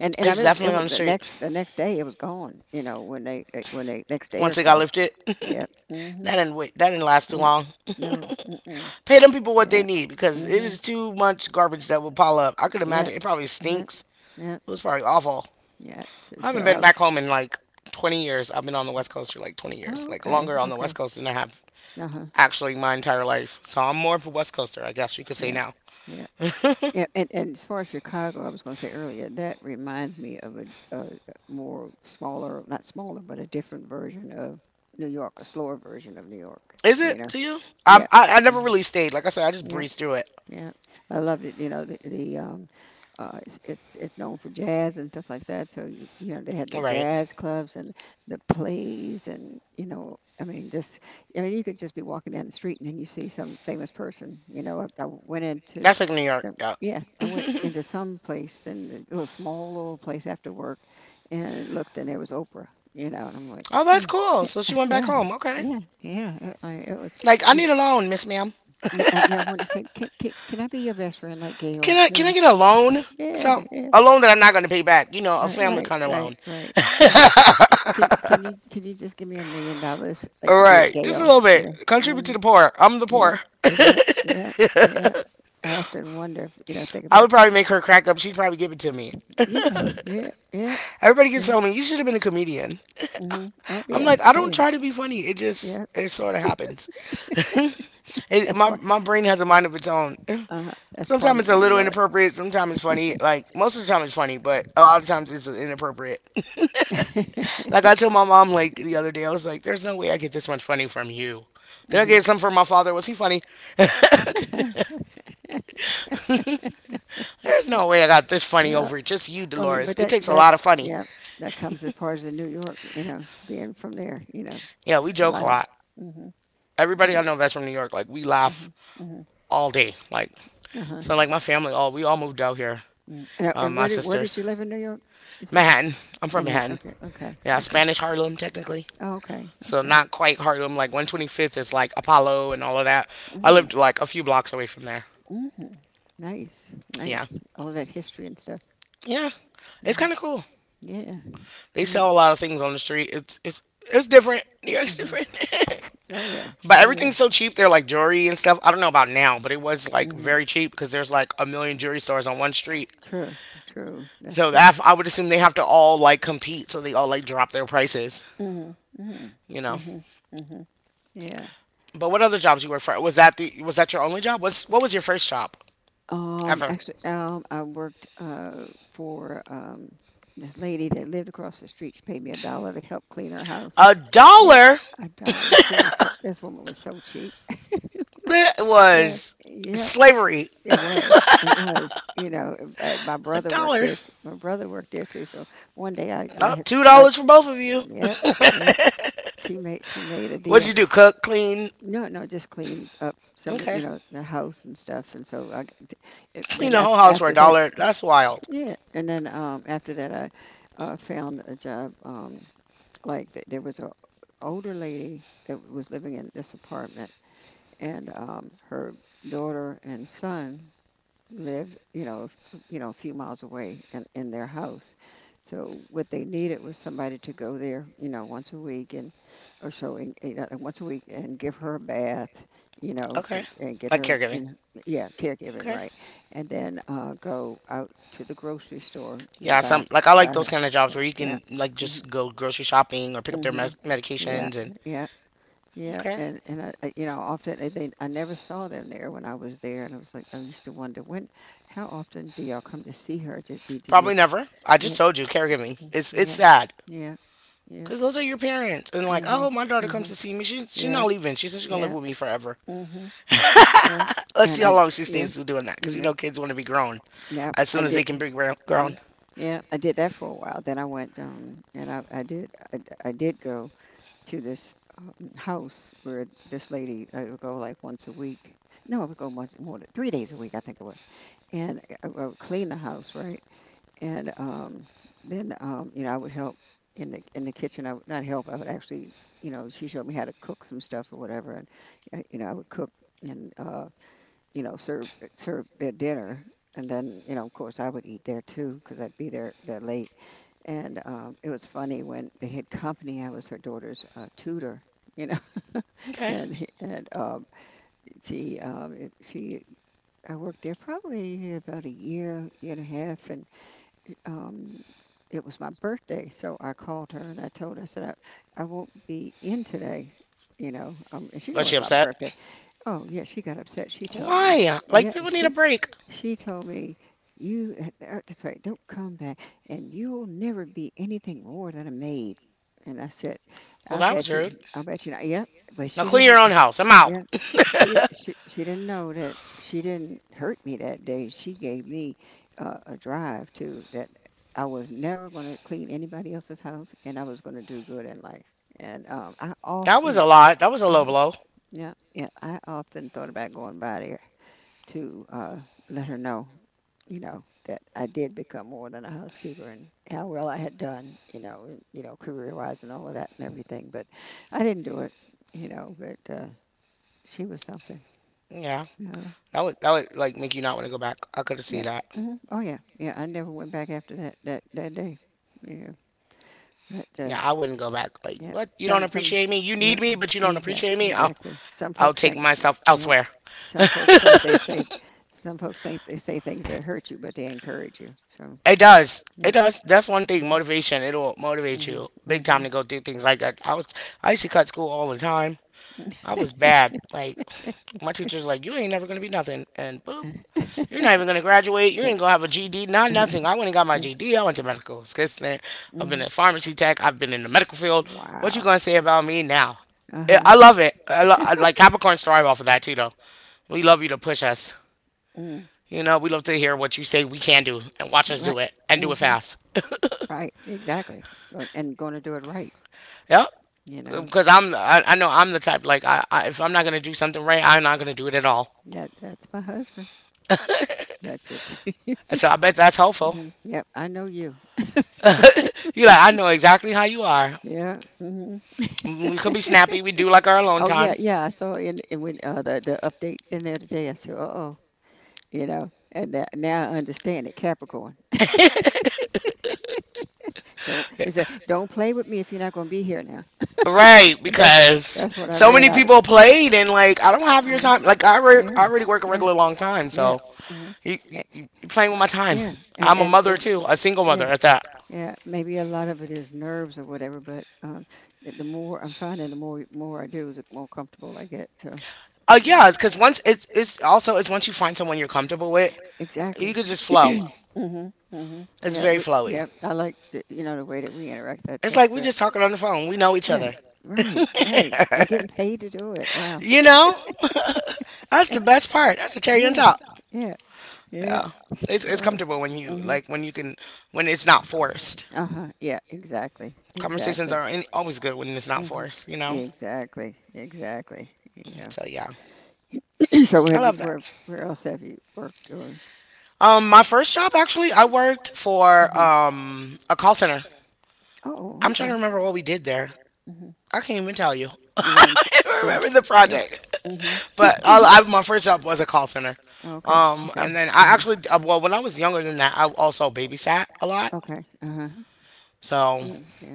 B: And and I
A: it's
B: mean, it
A: definitely on
B: was
A: the
B: the
A: street
B: next the next day. It was gone. You know, when they they- when they next day or
A: once it got
B: so.
A: lifted. That
B: Yeah. Mhm.
A: didn't wait, that didn't last too
B: Yeah.
A: long.
B: No. Mm-mm.
A: Pay them people what they
B: Yeah.
A: need because it is
B: Mhm.
A: too much garbage that will pile up. I could
B: Yeah.
A: imagine it probably
B: Yeah.
A: stinks.
B: Yeah.
A: It was probably awful.
B: Yeah. So,
A: I
B: so
A: haven't been back
B: I,
A: home in like twenty years. I've been on the West Coast for like twenty years,
B: oh,
A: like
B: okay.
A: longer on the West
B: Okay.
A: Coast than I have
B: Uh huh.
A: actually my entire life. So I'm more of a West Coaster, I guess you could say
B: Yeah.
A: now.
B: Yeah.
A: Is
B: Yeah, and, and as far as Chicago, I was going to say earlier, that reminds me of a, a more smaller, not smaller, but a different version of New York, a slower version of New York. You
A: it
B: know,
A: to you? Um,
B: yeah,
A: I, I never
B: mhm,
A: really stayed. Like I said, I just
B: yeah,
A: breezed through it.
B: yeah. I loved it. You know, the, the um, uh, it's, it's it's known for jazz and stuff like that. So you you know they had
A: All
B: the
A: right.
B: jazz clubs and the plays, and you know, I mean, just I mean you could just be walking down the street and then you see some famous person. You know, I, I went into
A: That's like New York.
B: some
A: Yeah.
B: yeah, I went into some place, and a little small little place after work, and looked, and there was Oprah. You know, and I'm like
A: Oh, that's
B: mm,
A: cool.
B: yeah,
A: So she went back
B: yeah,
A: home. Okay.
B: yeah, yeah. It, I, it was.
A: Like, I need a loan, Miss Ma'am.
B: Yeah, I, yeah, I want to say, can, can, can I be your best friend like
A: Can
B: Gail,
A: I can I
B: please?
A: get a loan?
B: Yeah,
A: Some
B: yeah,
A: A loan that I'm not going to pay back. You know, a
B: right,
A: family
B: right,
A: kind of
B: right,
A: loan.
B: right, right. Can, can, can you can you just give me a million dollars like
A: All
B: you did
A: right, just a
B: Gail?
A: little
B: You know,
A: bit. Contribute to
B: mm,
A: the poor. I'm the
B: yeah,
A: poor.
B: yeah, yeah, yeah. I often wonder if you know, think
A: I
B: about
A: would probably make her crack up. She'd probably give it to me.
B: yeah, yeah, yeah,
A: Everybody gets
B: yeah.
A: telling me you should have been a comedian.
B: Mm-hmm. Oh
A: I'm
B: yeah,
A: like, I
B: oh,
A: don't
B: yeah,
A: try to be funny. It just
B: yeah.
A: it sort of happens. It,
B: That's
A: my
B: part.
A: my brain has a mind of its own.
B: Uh, that's part
A: Sometimes it's
B: of
A: a
B: New
A: little
B: York.
A: inappropriate. Sometimes it's funny. Like most of the time it's funny, but a lot of times it's inappropriate. Like I told my mom like the other day, I was like, "There's no way I get this much funny from you." Did I get some from my father? Was he funny?
B: Mhm.
A: There's no way I got this funny
B: Yeah.
A: over just you,
B: Well, I mean,
A: Dolores.
B: but
A: It
B: that
A: takes a
B: that
A: lot of funny.
B: yeah, that comes as part of the New York, you know, being from there, you know,
A: Yeah, we
B: it's a
A: joke a
B: lot of.
A: lot.
B: Mm. Mhm.
A: Everybody
B: Yeah.
A: I know that's from New York, like we laugh
B: Mhm. Mm. Mhm.
A: all day. Like
B: Uh huh.
A: so, like my family, all we all moved out here.
B: Mm. And, uh,
A: Um,
B: and
A: my
B: where did where did
A: sisters,
B: you live in New York? Is it
A: Manhattan. I'm from
B: Manhattan?
A: Manhattan.
B: Okay. Okay.
A: Yeah,
B: Okay.
A: Spanish Harlem technically.
B: Oh, okay.
A: So
B: Okay.
A: not quite Harlem. Like one twenty-fifth is like Apollo and all of that. I
B: Mm,
A: lived like a few blocks away from there.
B: mhm. Nice.
A: Yeah,
B: Nice. All of that history and stuff.
A: yeah.
B: Mm,
A: It's
B: mhm.
A: kind of cool.
B: Yeah.
A: They
B: Yeah.
A: sell a lot of things on the street. It's it's it's different. New
B: Mm,
A: York's
B: mhm.
A: different.
B: Oh yeah.
A: But
B: Oh yeah.
A: everything's so cheap there, like jewelry and stuff. I don't know about now, but it was like
B: Hmm.
A: very cheap because there's like a million jewelry stores on one street.
B: True, true. That's
A: So
B: true.
A: that, I would assume they have to all like compete, so they all like drop their prices,
B: Hmm, hmm,
A: you know.
B: hmm, hmm. Yeah.
A: But what other jobs you work for? Was that the was that your only job? What's what was your first job
B: Um,
A: ever?
B: actually, um, I worked uh, for um, this lady that lived across the street. She paid me a dollar to help clean her house.
A: A
B: Yeah.
A: dollar.
B: A dollar. She was so- this woman was so cheap.
A: That
B: So,
A: was
B: yeah,
A: slavery.
B: it was. It was. You know, my my
A: A
B: brother worked
A: dollar.
B: there. T- my brother worked there too. So one day I, I,
A: Not
B: had-
A: two
B: I,
A: dollars for both of you.
B: yep, yep. She made, she made a
A: What'd
B: deal.
A: you do? Cook, clean.
B: No, no, just cleaned up some,
A: Okay.
B: you know, the house and stuff. And so I, g- it-
A: You
B: then
A: know, whole
B: after,
A: house for a
B: after that,
A: dollar. That's wild.
B: yeah. And then um, after that, I uh, found a job. Um, like th- there was a older lady that was living in this apartment, and um, her daughter and son lived, you know, f- uh, you know, a few miles away in, in their house. So what they needed was somebody to go there, you know, once a week and or so, and, you know, once a week, and give her a bath, you know,
A: Okay.
B: and, and get
A: Like
B: her, you
A: caregiving.
B: know, yeah, caregiving,
A: Okay.
B: right? And then uh, go out to the grocery store and
A: Yeah,
B: buy
A: some like I like
B: buy
A: those
B: her,
A: kind of jobs
B: yeah,
A: where you
B: yeah.
A: can like
B: Hmm,
A: just go grocery shopping or pick up their
B: hmm,
A: mes-
B: yeah,
A: medications and
B: yeah. Yeah,
A: okay.
B: and and I, I- you know, often I- they I never saw them there when I was there, and I was like, I used to wonder, when, how often do y'all come to see her? Did did you
A: Probably
B: just
A: never. I just
B: yeah,
A: told you caregiving.
B: mm,
A: It's it's
B: yeah,
A: sad
B: yeah, yeah,
A: because those are your parents and like,
B: mhm,
A: oh, my daughter
B: mhm,
A: comes to see me. She she's
B: yeah,
A: not leaving. She says she's gonna
B: yeah,
A: live with me forever.
B: mhm, yeah,
A: Let's
B: and
A: see
B: I
A: how long she
B: yeah,
A: stays doing that because you
B: yeah,
A: know kids want to be grown
B: yeah,
A: as
B: I
A: soon as they can
B: did,
A: be grown. grown.
B: mm, yeah. I did that for a while. Then I went um and I I did I, I did go to this um, house where this lady I would go like once a week. No, I would go once more than- three days a week, I think it was, and eh, I, I would clean the house, right, and um, then um, you know, I would help in the in the kitchen. I would not help. I would actually, you know, she showed me how to cook some stuff or whatever, and uh, you know, I would cook, and uh, you know, serve serve their dinner, and then you know, of course, I would eat there too because I'd be there there late. And um, it was funny when they had company. I was her daughter's uh, tutor, you know,
A: Okay.
B: and he- and um, she um, it- she I worked there probably about a year, year and a half, and um, it was my birthday, so I called her, and I told her, I said I, I won't be in today, you know, um, and she
A: Was
B: knows
A: she
B: it's my
A: upset?
B: birthday. Oh, yeah, she got upset. She told me,
A: Why?
B: yeah,
A: Like people need a
B: she
A: break.
B: she told me you uh, uh, that's right. Don't come back, and you'll never be anything more than a maid. And I said,
A: Well,
B: I
A: that was
B: bet you,
A: rude.
B: I bet you not. Yep, but
A: Now
B: she
A: clean
B: didn't.
A: your own house. I'm out.
B: Yeah, she she d- she she didn't know that she didn't hurt me that day. She gave me uh, a drive to that I was never going to clean anybody else's house, and I was going to do good in life. And um, I
A: That was
B: often.
A: a lot. That was a low
B: Mhm.
A: blow.
B: Yeah, yeah. I often thought about going by there to uh, let her know, you know, that I did become more than a housekeeper, and how well I had done, you know, and, you know, career-wise and all of that and everything. But I didn't do it, you know. But uh, she was something.
A: Yeah.
B: Yeah,
A: That would that would like make you not want to go back. I could have seen
B: yeah.
A: that.
B: Hmm. Oh yeah, yeah. I never went back after that that that day. Yeah, but uh,
A: Yeah, I wouldn't go back. Like,
B: yeah.
A: what? You don't
B: Some some
A: appreciate me? You
B: yeah.
A: need me, but you don't
B: Exact
A: appreciate me? I'll
B: exactly. Some
A: I'll
B: folks
A: take
B: think
A: myself
B: Yeah.
A: elsewhere.
B: Some folks think they say some folks think they say things that hurt you, but they encourage you. So
A: It does.
B: yeah.
A: It does. That's one thing. Motivation. It'll motivate
B: Mhm.
A: you big
B: Mhm.
A: time to go through things like that. I was I used to cut school all the time. I was bad. Like my teacher's like, you ain't never gonna be nothing, and boop, you're
B: Mhm.
A: not even gonna graduate. You
B: Yeah.
A: ain't gonna have a G D. Not
B: Uh-huh.
A: nothing. I went and got my
B: Yeah.
A: G D. I went to medical assistant. I've been
B: Mhm.
A: in pharmacy tech. I've been in the medical field. What you
B: Wow.
A: gonna say about me now?
B: Uh huh.
A: I love it. I, lo- I like Capricorn thrive off of that too, though. We love you to push us.
B: Mm.
A: You know, we love to hear what you say we can do and watch us
B: Right.
A: do it and do it
B: Mhm.
A: fast.
B: Right. Exactly. Go- And going to do it right.
A: Yep.
B: You know.
A: Because I'm, I, I know I'm the type like I, I, if I'm not gonna do something right, I'm not gonna do it at all.
B: Yeah. That's my husband. That's it.
A: So I bet that's helpful.
B: Hmm. Yep, I know you.
A: You are like, I know exactly how you are.
B: Yeah. Hmm.
A: We could be snappy. We do like our alone
B: Oh yeah,
A: time.
B: yeah. I saw in and when uh, the the update in there today. I said, "Uh oh," you know. And that, now I understand it, Capricorn. Don't is that don't play with me if you're not going to be here now.
A: Right,
B: Right, and that's
A: because
B: that's what I
A: so
B: read
A: many
B: out of
A: people
B: it.
A: played, and like I don't
B: Hmm.
A: have your time. Like I, re-
B: Yeah,
A: I already work a regular long time,
B: yeah, yeah.
A: so
B: Hmm.
A: you you you you playing with
B: Time.
A: my time.
B: Yeah, time. and
A: I'm a
B: and
A: mother too, a single
B: yeah,
A: mother at that.
B: yeah. Maybe a lot of it is nerves or whatever, but um, the the more I'm finding, the more more I do, the more comfortable I get. So
A: Uh,
B: you know,
A: yeah, because once it's it's also it's once you find someone you're comfortable with, you
B: exactly.
A: could just flow.
B: Mhm, mhm.
A: It's
B: Yeah,
A: very
B: we,
A: flowy.
B: yeah. I like the, you know, the way that we interact. That's
A: It's
B: that's
A: like we
B: good.
A: just talking on the phone. We know each
B: Yeah,
A: other.
B: right, right. And getting paid to do it. Wow.
A: You know, that's the best part. That's the cherry on
B: Yeah,
A: top.
B: yeah, yeah.
A: Yeah, it's it's
B: It's
A: comfortable when you
B: hmm
A: like when you can when it's not forced.
B: uh-huh. Yeah, exactly.
A: Conversations are any, always good when it's not
B: hmm
A: forced, you know?
B: Exactly. Exactly. Yeah.
A: So yeah.
B: So
A: I
B: have you
A: love that.
B: Where else have you worked or
A: Um my first job actually I worked for um a call center. I'm
B: Oh,
A: trying
B: okay.
A: to remember what we did there.
B: there.
A: I can't even tell you.
B: You
A: I
B: want, I
A: don't remember the project.
B: Mm-hmm.
A: But all, I, my first job was a call center. Um and
B: Okay,
A: then I actually uh, well when I was younger than that I also babysat a lot.
B: uh-huh.
A: So
B: Yeah.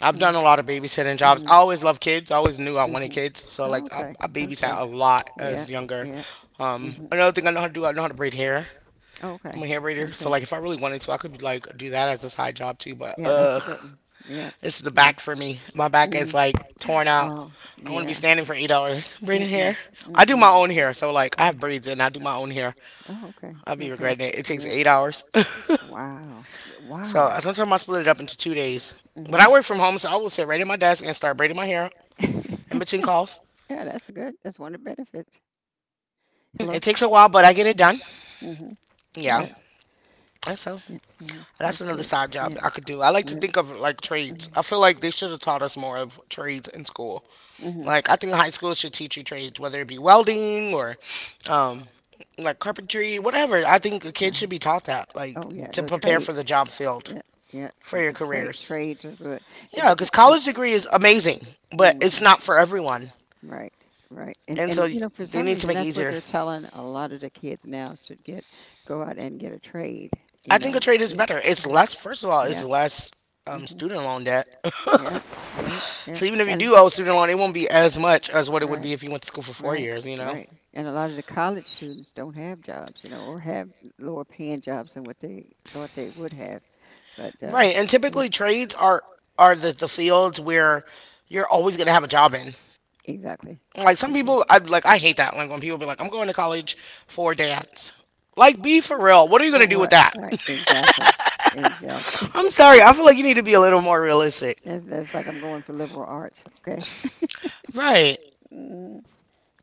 A: I've
B: Mm-hmm.
A: done
B: I've
A: a lot of babysitting jobs. I always loved kids. I always knew I wanted kids. So like I, I babysat a lot as younger. Um, another thing I know how to do, I know how to braid hair.
B: Oh,
A: I'm
B: okay.
A: a hair
B: Like
A: braider. So like if I really wanted to, I could like do that as a side job too. But ugh,
B: Yeah.
A: it's the back for me. My back is like torn out. I want to be
B: yeah.
A: standing for eight hours braiding hair.
B: I
A: I do
B: Mm-mm.
A: my own hair, so like I have braids and I do my own hair.
B: Oh, okay.
A: I'll be
B: I
A: regretting it. It
B: do
A: takes eight hours.
B: Wow.
A: So
B: Wow.
A: uh, sometimes I split it up into two days. But
B: hmm
A: I work from home, so I will sit right at my desk and start braiding my hair in between
B: yeah,
A: calls.
B: that's a good. That's one of the benefits.
A: It
B: Hello.
A: takes a while, but I get it done.
B: Mm-hmm.
A: Yeah. And so
B: hmm
A: that's
B: That's
A: another side job I could do. I like to think of like trades. I feel like they should have taught us more of trades in school.
B: hmm
A: Like I think high school should teach you trades, whether it be welding or um like carpentry, whatever. I think a kid should be taught that, like
B: oh yeah, the
A: to prepare
B: They're
A: for the job field
B: Yeah.
A: for your
B: The
A: careers.
B: trades are good. And
A: Yeah, because
B: th-
A: college degree is amazing,
B: but
A: but
B: hmm
A: it's not for everyone,
B: Right, right. And
A: and
B: and And
A: so
B: you so know, for
A: they
B: some
A: need to make it easier.
B: telling a lot of the kids now should get go out and get a trade,
A: I
B: you
A: think a trade is
B: I
A: better. It's less. First of all, it's less um,
B: hmm
A: student loan debt.
B: Yeah. yeah.
A: So even if you do owe student loan, it won't be as much as what it would be if you went to school for four years, you know?
B: And a lot of the college students don't have jobs, you know, or have lower paying jobs than what they thought they would have. But uh,
A: Right.
B: Right.
A: And
B: And
A: typically trades are are the, the fields where you're always gonna have a job in.
B: exactly,
A: Like some people I like I hate that. Like when people be like, I'm going to college for dance. Like be for real. What are you gonna do with
B: Right,
A: that?
B: exactly, exactly.
A: I'm sorry, I feel
B: I'm
A: like you need to be a little more realistic.
B: That's, that's like I'm going for liberal arts. Okay.
A: Right.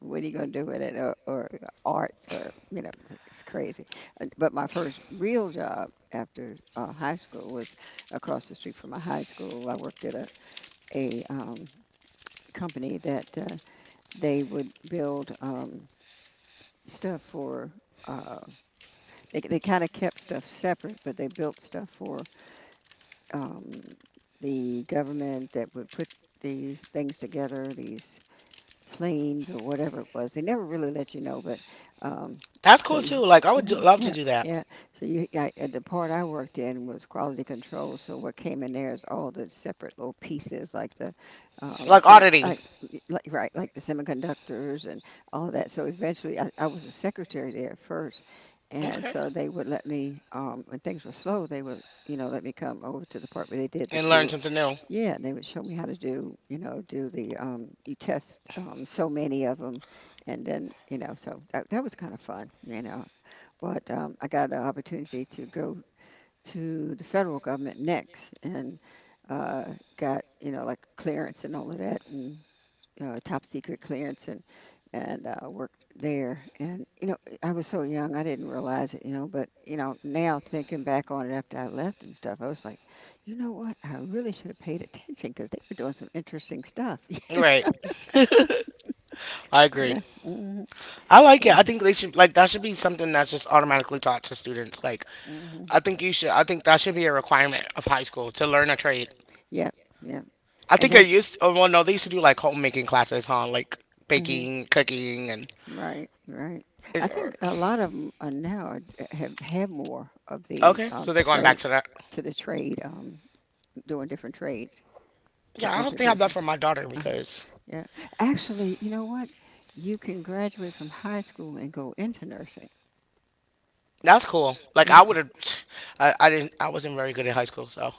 B: What are you going to do with it or, or art, or you know like, it's crazy. And- but my first real job after uh, high school was across the street from my high school. I worked at a, a um, company that uh, they would build um, stuff for uh, they, they kind of kept stuff separate, but they built stuff for um, the government that would put these things together, these planes or whatever it was. They never really let you know, but um,
A: That's
B: so
A: cool
B: you,
A: too. Like I would do,
B: Mhm.
A: love to
B: yeah,
A: do that.
B: yeah. So you, I, uh, the part I worked in was quality control. So what came in there is all the separate little pieces, like the um,
A: Like
B: semi,
A: auditing.
B: like, like right, like the semiconductors and all of that. So eventually, I, I was a secretary there at first. And
A: Okay.
B: so they would let me, um, when things were slow, they would you know, let me come over to the part where they did the
A: And learn
B: Q.
A: something new.
B: Yeah, and they would show me how to do, you know, do the um, you test um, so many of them, and then you know, so that that was kind of fun, you know. But um, I got an opportunity to go to the federal government next, and uh, got you know like clearance and all of that, and uh, top secret clearance and and uh, worked there. And you know, I was so young, I didn't realize it. You know, but you know, now thinking back on it after I left and stuff, I was like, you know what? I really should have paid attention because they were doing some interesting stuff. I
A: Right. I agree.
B: yeah. agree. hmm
A: I
B: I
A: like
B: Yeah.
A: it. I think
B: agree.
A: they should like that should be something that's just automatically taught to students. Like
B: hmm
A: I think you should. I think that should be a requirement of high school to learn a trade.
B: Yeah.
A: I
B: And
A: think I
B: that's Because you
A: used. Oh,
B: used to,
A: well, no,
B: well,
A: they
B: no,
A: used to
B: they
A: do
B: used to
A: like
B: do like
A: homemaking
B: homemaking
A: classes,
B: classes,
A: huh?
B: huh?
A: Like
B: Like mhm.
A: baking,
B: baking, cooking,
A: cooking, and
B: and Right, right. I think a lot of them are now have have more of the
A: okay.
B: okay,
A: So
B: um, so
A: they're
B: they're trade
A: going back
B: going
A: to
B: back
A: that.
B: to that. To the trade, um, doing different trades to
A: Yeah,
B: Yeah, I
A: I hope they have
B: introduce
A: that
B: would them.
A: for
B: Love that
A: my
B: for
A: daughter
B: my daughter Uh-huh.
A: because
B: because Yeah, actually, you know what? You can graduate from high school and go into nursing.
A: that's
B: That's
A: cool.
B: cool.
A: Like I
B: Yeah.
A: would have. I, I didn't. I wasn't very good in high school, so.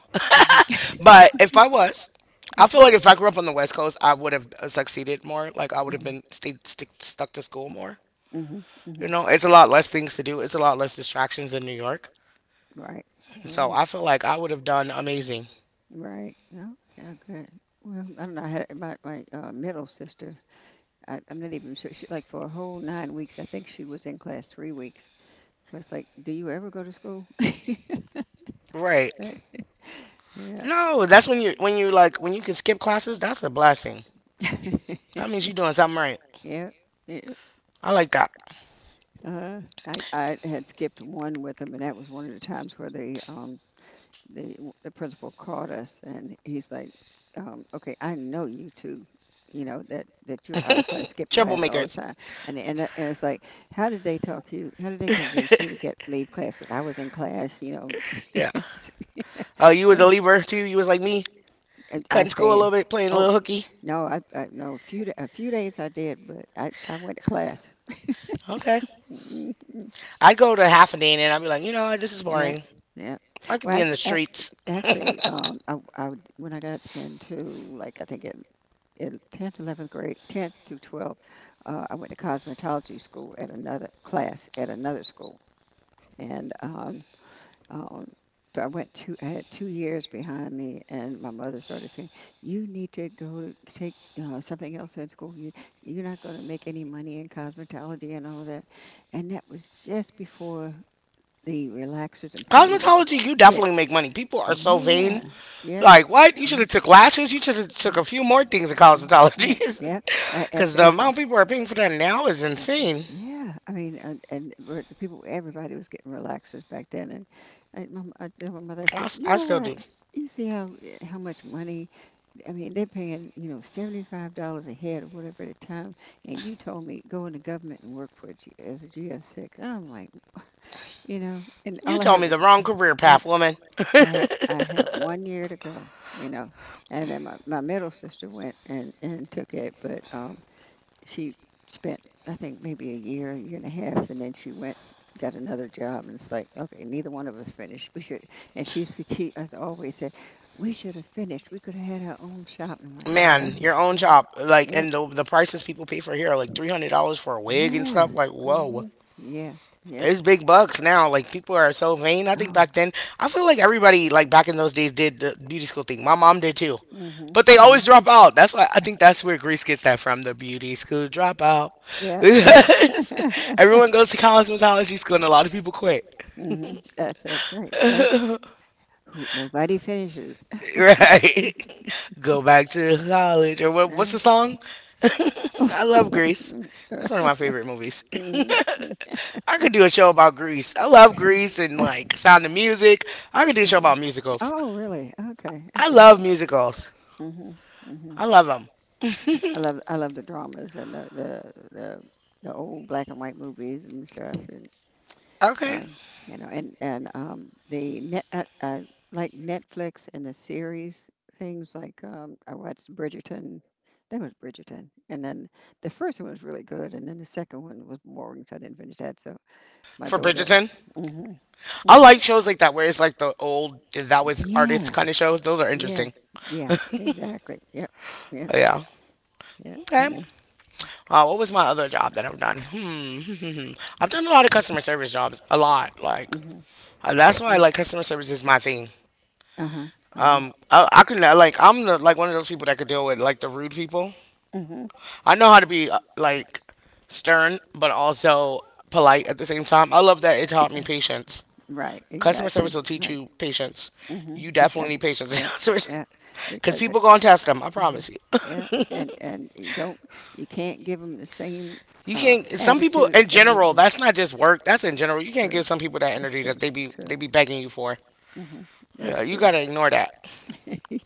A: But if I was, I
B: mhm,
A: feel like if I grew up on the West Coast, I would have succeeded more. Like I would have
B: mhm,
A: been stayed stick, stuck to school more.
B: mhm,
A: You
B: mhm,
A: know, it's a lot less things to do. It's a lot less distractions in New York.
B: Right.
A: So
B: Right.
A: I feel like I would have done amazing.
B: Right. No. Yeah. Good. Well, I don't know. I had it- my my uh, middle sister. I, I'm not even sure. She like for a whole nine weeks. I think she was in class three weeks. So it's like, do you ever go to school?
A: Right.
B: Right. Right.
A: No, that's when you when you like when you can skip classes, that's a blessing.
B: Yeah.
A: That means you're doing something right.
B: Yeah. Yeah.
A: I like that.
B: Uh, I I had skipped one with them, and that was one of the times where they um the the principal called us and he's like, um, "Okay, I know you two. You know that that you're out of class, skipping class all the
A: Troublemakers.
B: time." And and I- and it's like, how did they talk you? How did they convince you to get leave class? Because I was in class, you know.
A: Yeah. Oh, you was
B: Yeah,
A: a Libra too. You was like me,
B: and I
A: cutting school a
B: stayed.
A: little bit, playing a little
B: Oh,
A: hooky.
B: no, I, I no. A few da- a few days I did, but I I went to class.
A: Okay. I'd go to half a day and then I'd be like, you know, what, this is
B: Yeah,
A: boring.
B: yeah.
A: I could
B: Well,
A: be in the
B: actually,
A: streets.
B: Actually, um, I, I would- when I got into like I think in in tenth, eleventh grade, tenth to twelfth, uh, I went to cosmetology school at another class at another school, and um, um, so I went two. I had two years behind me, and my mother started saying, "You need to go to take." Uh, something else in school. You, you're not going to make any money in cosmetology and all that. And that was just before the relaxers and permanent
A: Cosmetology, you
B: hit.
A: definitely make money. People are so vain.
B: Yeah. Yep.
A: Like what? You
B: Yep.
A: should have took lashes. You should have took a
B: Yep.
A: few more things in
B: Mm,
A: cosmetology,
B: Yeah. Yeah. Uh, if,
A: because the
B: if,
A: amount people are paying for that now is insane.
B: Yeah, I mean, and, and we're- the people, everybody was getting relaxers back then, and I, my, m- I told my mother, I
A: I,
B: said,
A: s-
B: you
A: I
B: know
A: still
B: what?
A: do.
B: You see how eh, how much money? I mean, they're paying, you know, seventy five dollars a head or whatever at a time, and you told me go into government and work for a G, as a G S six. I'm like, you know, and
A: You
B: all I
A: told
B: had
A: me the
B: was,
A: wrong career
B: I yep,
A: path, woman.
B: I had I had one year to go, you know, and then my, my middle sister went and and took it, but um, she spent I think maybe a year, year and a half, and then she went got another job, and it's like okay, neither one of us finished. We should, and she's the key as always said, we should have finished. We could have had our own shop, and I'm like yeah, Right,
A: Man, your own
B: your own mhm,
A: job,
B: job,
A: like,
B: yeah, uh, and
A: and the,
B: the,
A: the
B: the
A: prices
B: prices
A: people pay
B: people
A: for
B: pay
A: here
B: for
A: are like
B: here,
A: three
B: like
A: hundred
B: three hundred
A: dollars for
B: dollars
A: a
B: for a plate
A: wig
B: of
A: and
B: yeah,
A: stuff.
B: stuff,
A: Like,
B: like hmm
A: whoa.
B: whatever. Yeah, yeah.
A: It's
B: It's
A: big
B: big
A: bucks
B: bucks
A: now.
B: now.
A: Like
B: Like
A: people are
B: people are
A: so
B: so
A: vain.
B: vain.
A: I
B: I
A: think
B: Oh.
A: back
B: think back
A: then,
B: then
A: I feel like everybody like back in those days did the beauty school thing. My mom did too,
B: hmm
A: but they
B: hmm
A: always drop out. That's why I think that's where Greece gets that from. The beauty school dropout.
B: Yeah.
A: Everyone goes to cosmetology school, and a lot of people quit.
B: hmm That's that's right. Yeah. Who nobody finishes.
A: Right? Go back to college or what, what's
B: Uh-huh.
A: the song? I love Grease.
B: Mhm.
A: That's one of
B: One
A: my favorite movies.
B: movies. Me,
A: I could do a show about Grease. I love Grease and like Sound of Music. I could do a show about musicals.
B: really? Okay.
A: I
B: Okay.
A: love musicals.
B: Mm-hmm. Mm-hmm.
A: I love them.
B: I love I love the dramas and the the the, the old black and white movies and stuff and
A: Okay.
B: um, you know and and um, the net uh, uh, like Netflix and the series things like um, I watched Bridgerton. That was Bridgerton, and then the first one was really good, and then the second one was boring, so I didn't finish that. So my
A: For
B: daughter,
A: Bridgerton,
B: hmm
A: I like shows like that where it's like the old that was artists
B: yeah,
A: kind of shows. Those are
B: yeah,
A: interesting.
B: yeah, exactly, yep, yep,
A: Oh, yeah.
B: yep, you
A: Okay.
B: know.
A: Uh, what was my other job that I've done? Hmm. I've done a lot of customer service jobs. A lot. Like
B: Mm-hmm.
A: Uh, that's why
B: uh,
A: like customer service is my thing.
B: Uh-huh. Uh-huh.
A: Um, I, I could not like I'm the like one of those people that could deal with like the rude people.
B: Mm-hmm.
A: I know how to be uh, like stern but also polite at the same time. I love that it taught me patience.
B: Right,
A: Customer
B: exactly.
A: service will teach
B: Right.
A: you patience.
B: hmm
A: You definitely need
B: Exactly.
A: patience in
B: Yeah.
A: customer
B: Yeah.
A: because
B: Because it,
A: people gonna test them. I
B: mhm,
A: promise you.
B: yeah, and and you don't you can't give them the same
A: You
B: uh,
A: can't. Some people
B: attitude
A: in
B: they give
A: general.
B: you.
A: That's not just work. That's in general. You can't give
B: True.
A: some people that
B: That's
A: energy
B: true.
A: that they be they
B: True.
A: be begging you for.
B: hmm That's
A: Yeah, you
B: true.
A: gotta ignore that.
B: yes.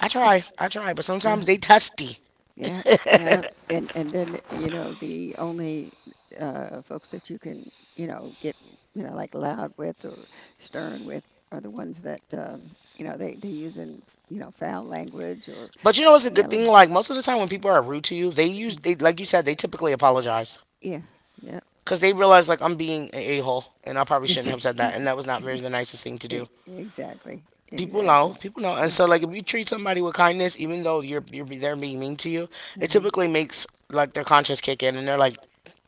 A: I try. I try, but
B: Uh,
A: sometimes they testy.
B: yeah, yeah. And and then, you know, the only uh folks that you can, you know, get, you know, like loud with or stern with are the ones that um, you know, they they using, you know, foul language or
A: But you know, it's a good thing.
B: yelling.
A: Like most of the time, when people are rude to you, they use
B: Mhm.
A: they like you said they typically apologize
B: Yeah, yeah.
A: because they realize like I'm being an a hole and I probably shouldn't
B: Yes.
A: have said that, and that was not very the nicest thing to
B: E-
A: do.
B: Exactly.
A: People know,
B: Exactly.
A: people know, and
B: Mm.
A: so like if you treat somebody with kindness, even though you're you're they're being mean to you, it
B: Mhm.
A: typically makes like their conscience kick in, and they're like,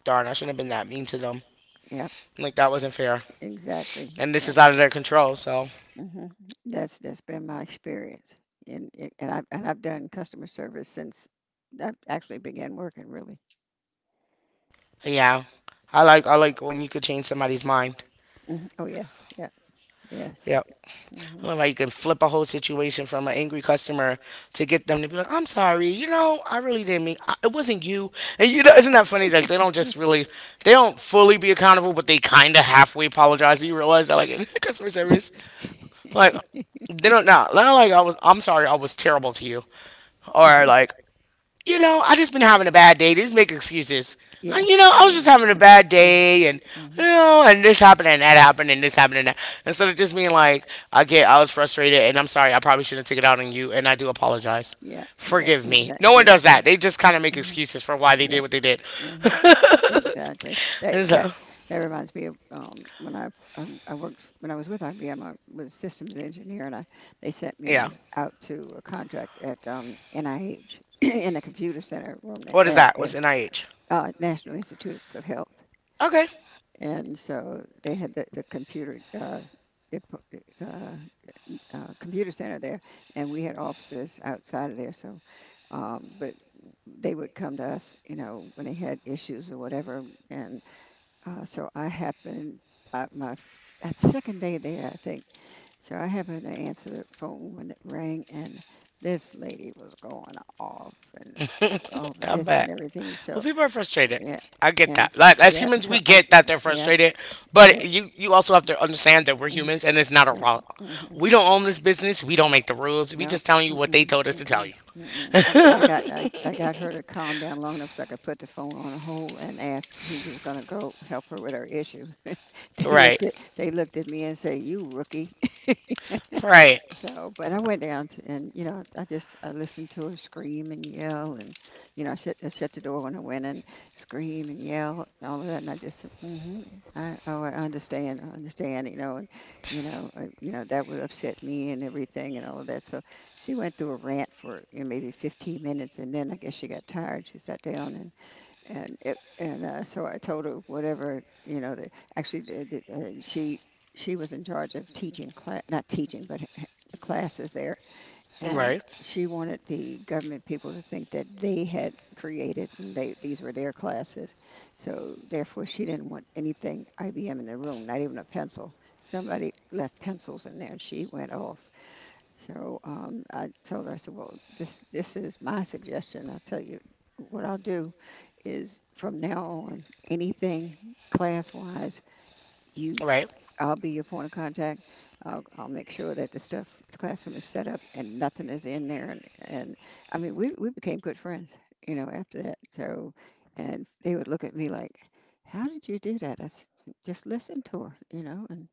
A: darn, I shouldn't have been that mean to them.
B: Yep,
A: Like that wasn't fair,
B: exactly.
A: and this
B: And,
A: is out of their control. So
B: hmm That's that's been my experience, and it- and I've and I've done customer service since I actually began working. Really.
A: yeah, I like I like when you could change somebody's mind.
B: hmm Oh yeah, yeah, yes.
A: Yeah.
B: hmm
A: I love how you can flip a whole situation from an angry customer to get them to be like, "I'm sorry, you know, I really didn't mean I, it wasn't you." And you know, isn't that funny? Like they don't just really, they don't fully be accountable, but they kind of halfway apologize. Do you realize that, like in customer service, like they don't not nah, not like I was, I'm sorry, I was terrible to you, or
B: hmm
A: like you know, I just been having a bad day. They just make excuses. Uh,
B: Yeah.
A: You know, I was
B: Oh,
A: just having a bad
B: yeah.
A: day, and
B: yeah.
A: you know, and this happened, and that happened, and this happened, and that. Instead of just being like, okay, I was frustrated, and I'm sorry. I probably shouldn't take it out on you, and I do apologize.
B: Yeah, yeah,
A: Forgive me. No
B: exactly,
A: one does that. They
B: exactly.
A: just kind of make excuses for why
B: hmm
A: they
B: Yeah.
A: did what they did.
B: hmm Exactly. That
A: And
B: that
A: so,
B: That reminds me of um, when I, I I worked f- when I was with I B M. Was a systems engineer, and I they sent me
A: yeah.
B: yeah, out to a contract at um, N I H in the computer center room there,
A: What is
B: what er,
A: that? What's
B: is
A: N I H?
B: er, uh, National Institutes of Health,
A: Okay,
B: and so they had the the computer. Uh, they put, uh, uh, computer center there, and we had offices outside of there. So, um, but they would come to us, you know, when they had issues or whatever. And uh, so I happened uh, my f- at the second day there, I think. So I happened to answer the phone when it rang, and this lady was going off and all of
A: I
B: this
A: bet.
B: and everything.
A: Well,
B: So
A: people are frustrated.
B: yeah,
A: I get
B: and
A: that.
B: s-
A: Like as
B: yeah,
A: humans,
B: so
A: we
B: I,
A: get that they're
B: yeah,
A: frustrated, but
B: but
A: you you also have to understand that we're
B: mhm,
A: humans and it's not our
B: yeah,
A: fault.
B: mhm.
A: We don't own this business. We don't make the rules. We
B: No,
A: just telling you what they
B: mm-mm,
A: told us to tell
B: mm-mm,
A: you.
B: mm-mm. I, I got I, I got her to calm down long enough so I could put the phone on hold and ask who was going to go help her with her issue. They looked
A: Right.
B: at they looked at me and say, "You rookie,"
A: Right.
B: So, but I went down to, and you know, I just I listened to her scream and yell, and you know, I shut I shut the door when I went and scream and yell and all of that, and I just said, mm-hmm, I oh I understand, I understand, you know, and you know, uh, you know that would upset me and everything and all of that. So she went through a rant for you know, maybe fifteen minutes, and then I guess she got tired. She sat down and and it and uh, so I told her whatever you know. The, actually, the, the, uh, she she was in charge of teaching class, not teaching, but h- the classes there, and
A: Right.
B: she wanted the government people to think that they had created and they these were their classes. So therefore, she didn't want anything I B M in the room, not even a pencil. Somebody left pencils in there, and she went off. So um, I told her, I said, well, this this is my suggestion. I'll tell you what I'll do is from now on, anything class wise, you
A: Right.
B: I'll be your point of contact. I'll, I'll make sure that the stuff the classroom is set up and nothing is in there. And, and I mean, we we became good friends, you know, after that. So, and they would look at me like, how did you do that? I said, just listen to her, you know, and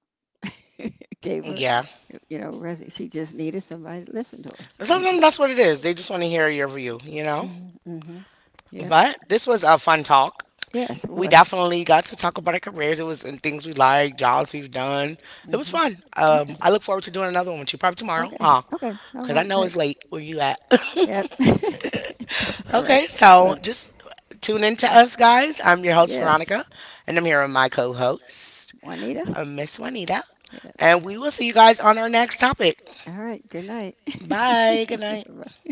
B: gave her
A: Yeah.
B: you know, res- she just needed somebody to listen to her. You know.
A: Sometimes that's what it is. They just want to hear your view, you know?
B: Mhm. Mhm. Yeah.
A: But this was a fun talk.
B: Yes, it
A: We
B: was.
A: definitely got to talk about our careers. It was and things we like, jobs we've done.
B: Mm
A: It was
B: Mhm.
A: fun. Um, I look forward to doing another one with you probably tomorrow,
B: Okay. Okay.
A: huh?
B: Okay. All
A: Because I
B: right.
A: know
B: Great.
A: it's late where you at.
B: Yeah. All right.
A: Okay, so
B: Well,
A: just tune in to us,
B: yeah.
A: guys. I'm your host,
B: yes.
A: Veronica, and I'm here with my co host,
B: Juanita.
A: Miss Juanita.
B: Yes.
A: And we will see you guys on our next topic.
B: All right. Good night.
A: Bye. Good night.
B: Bye.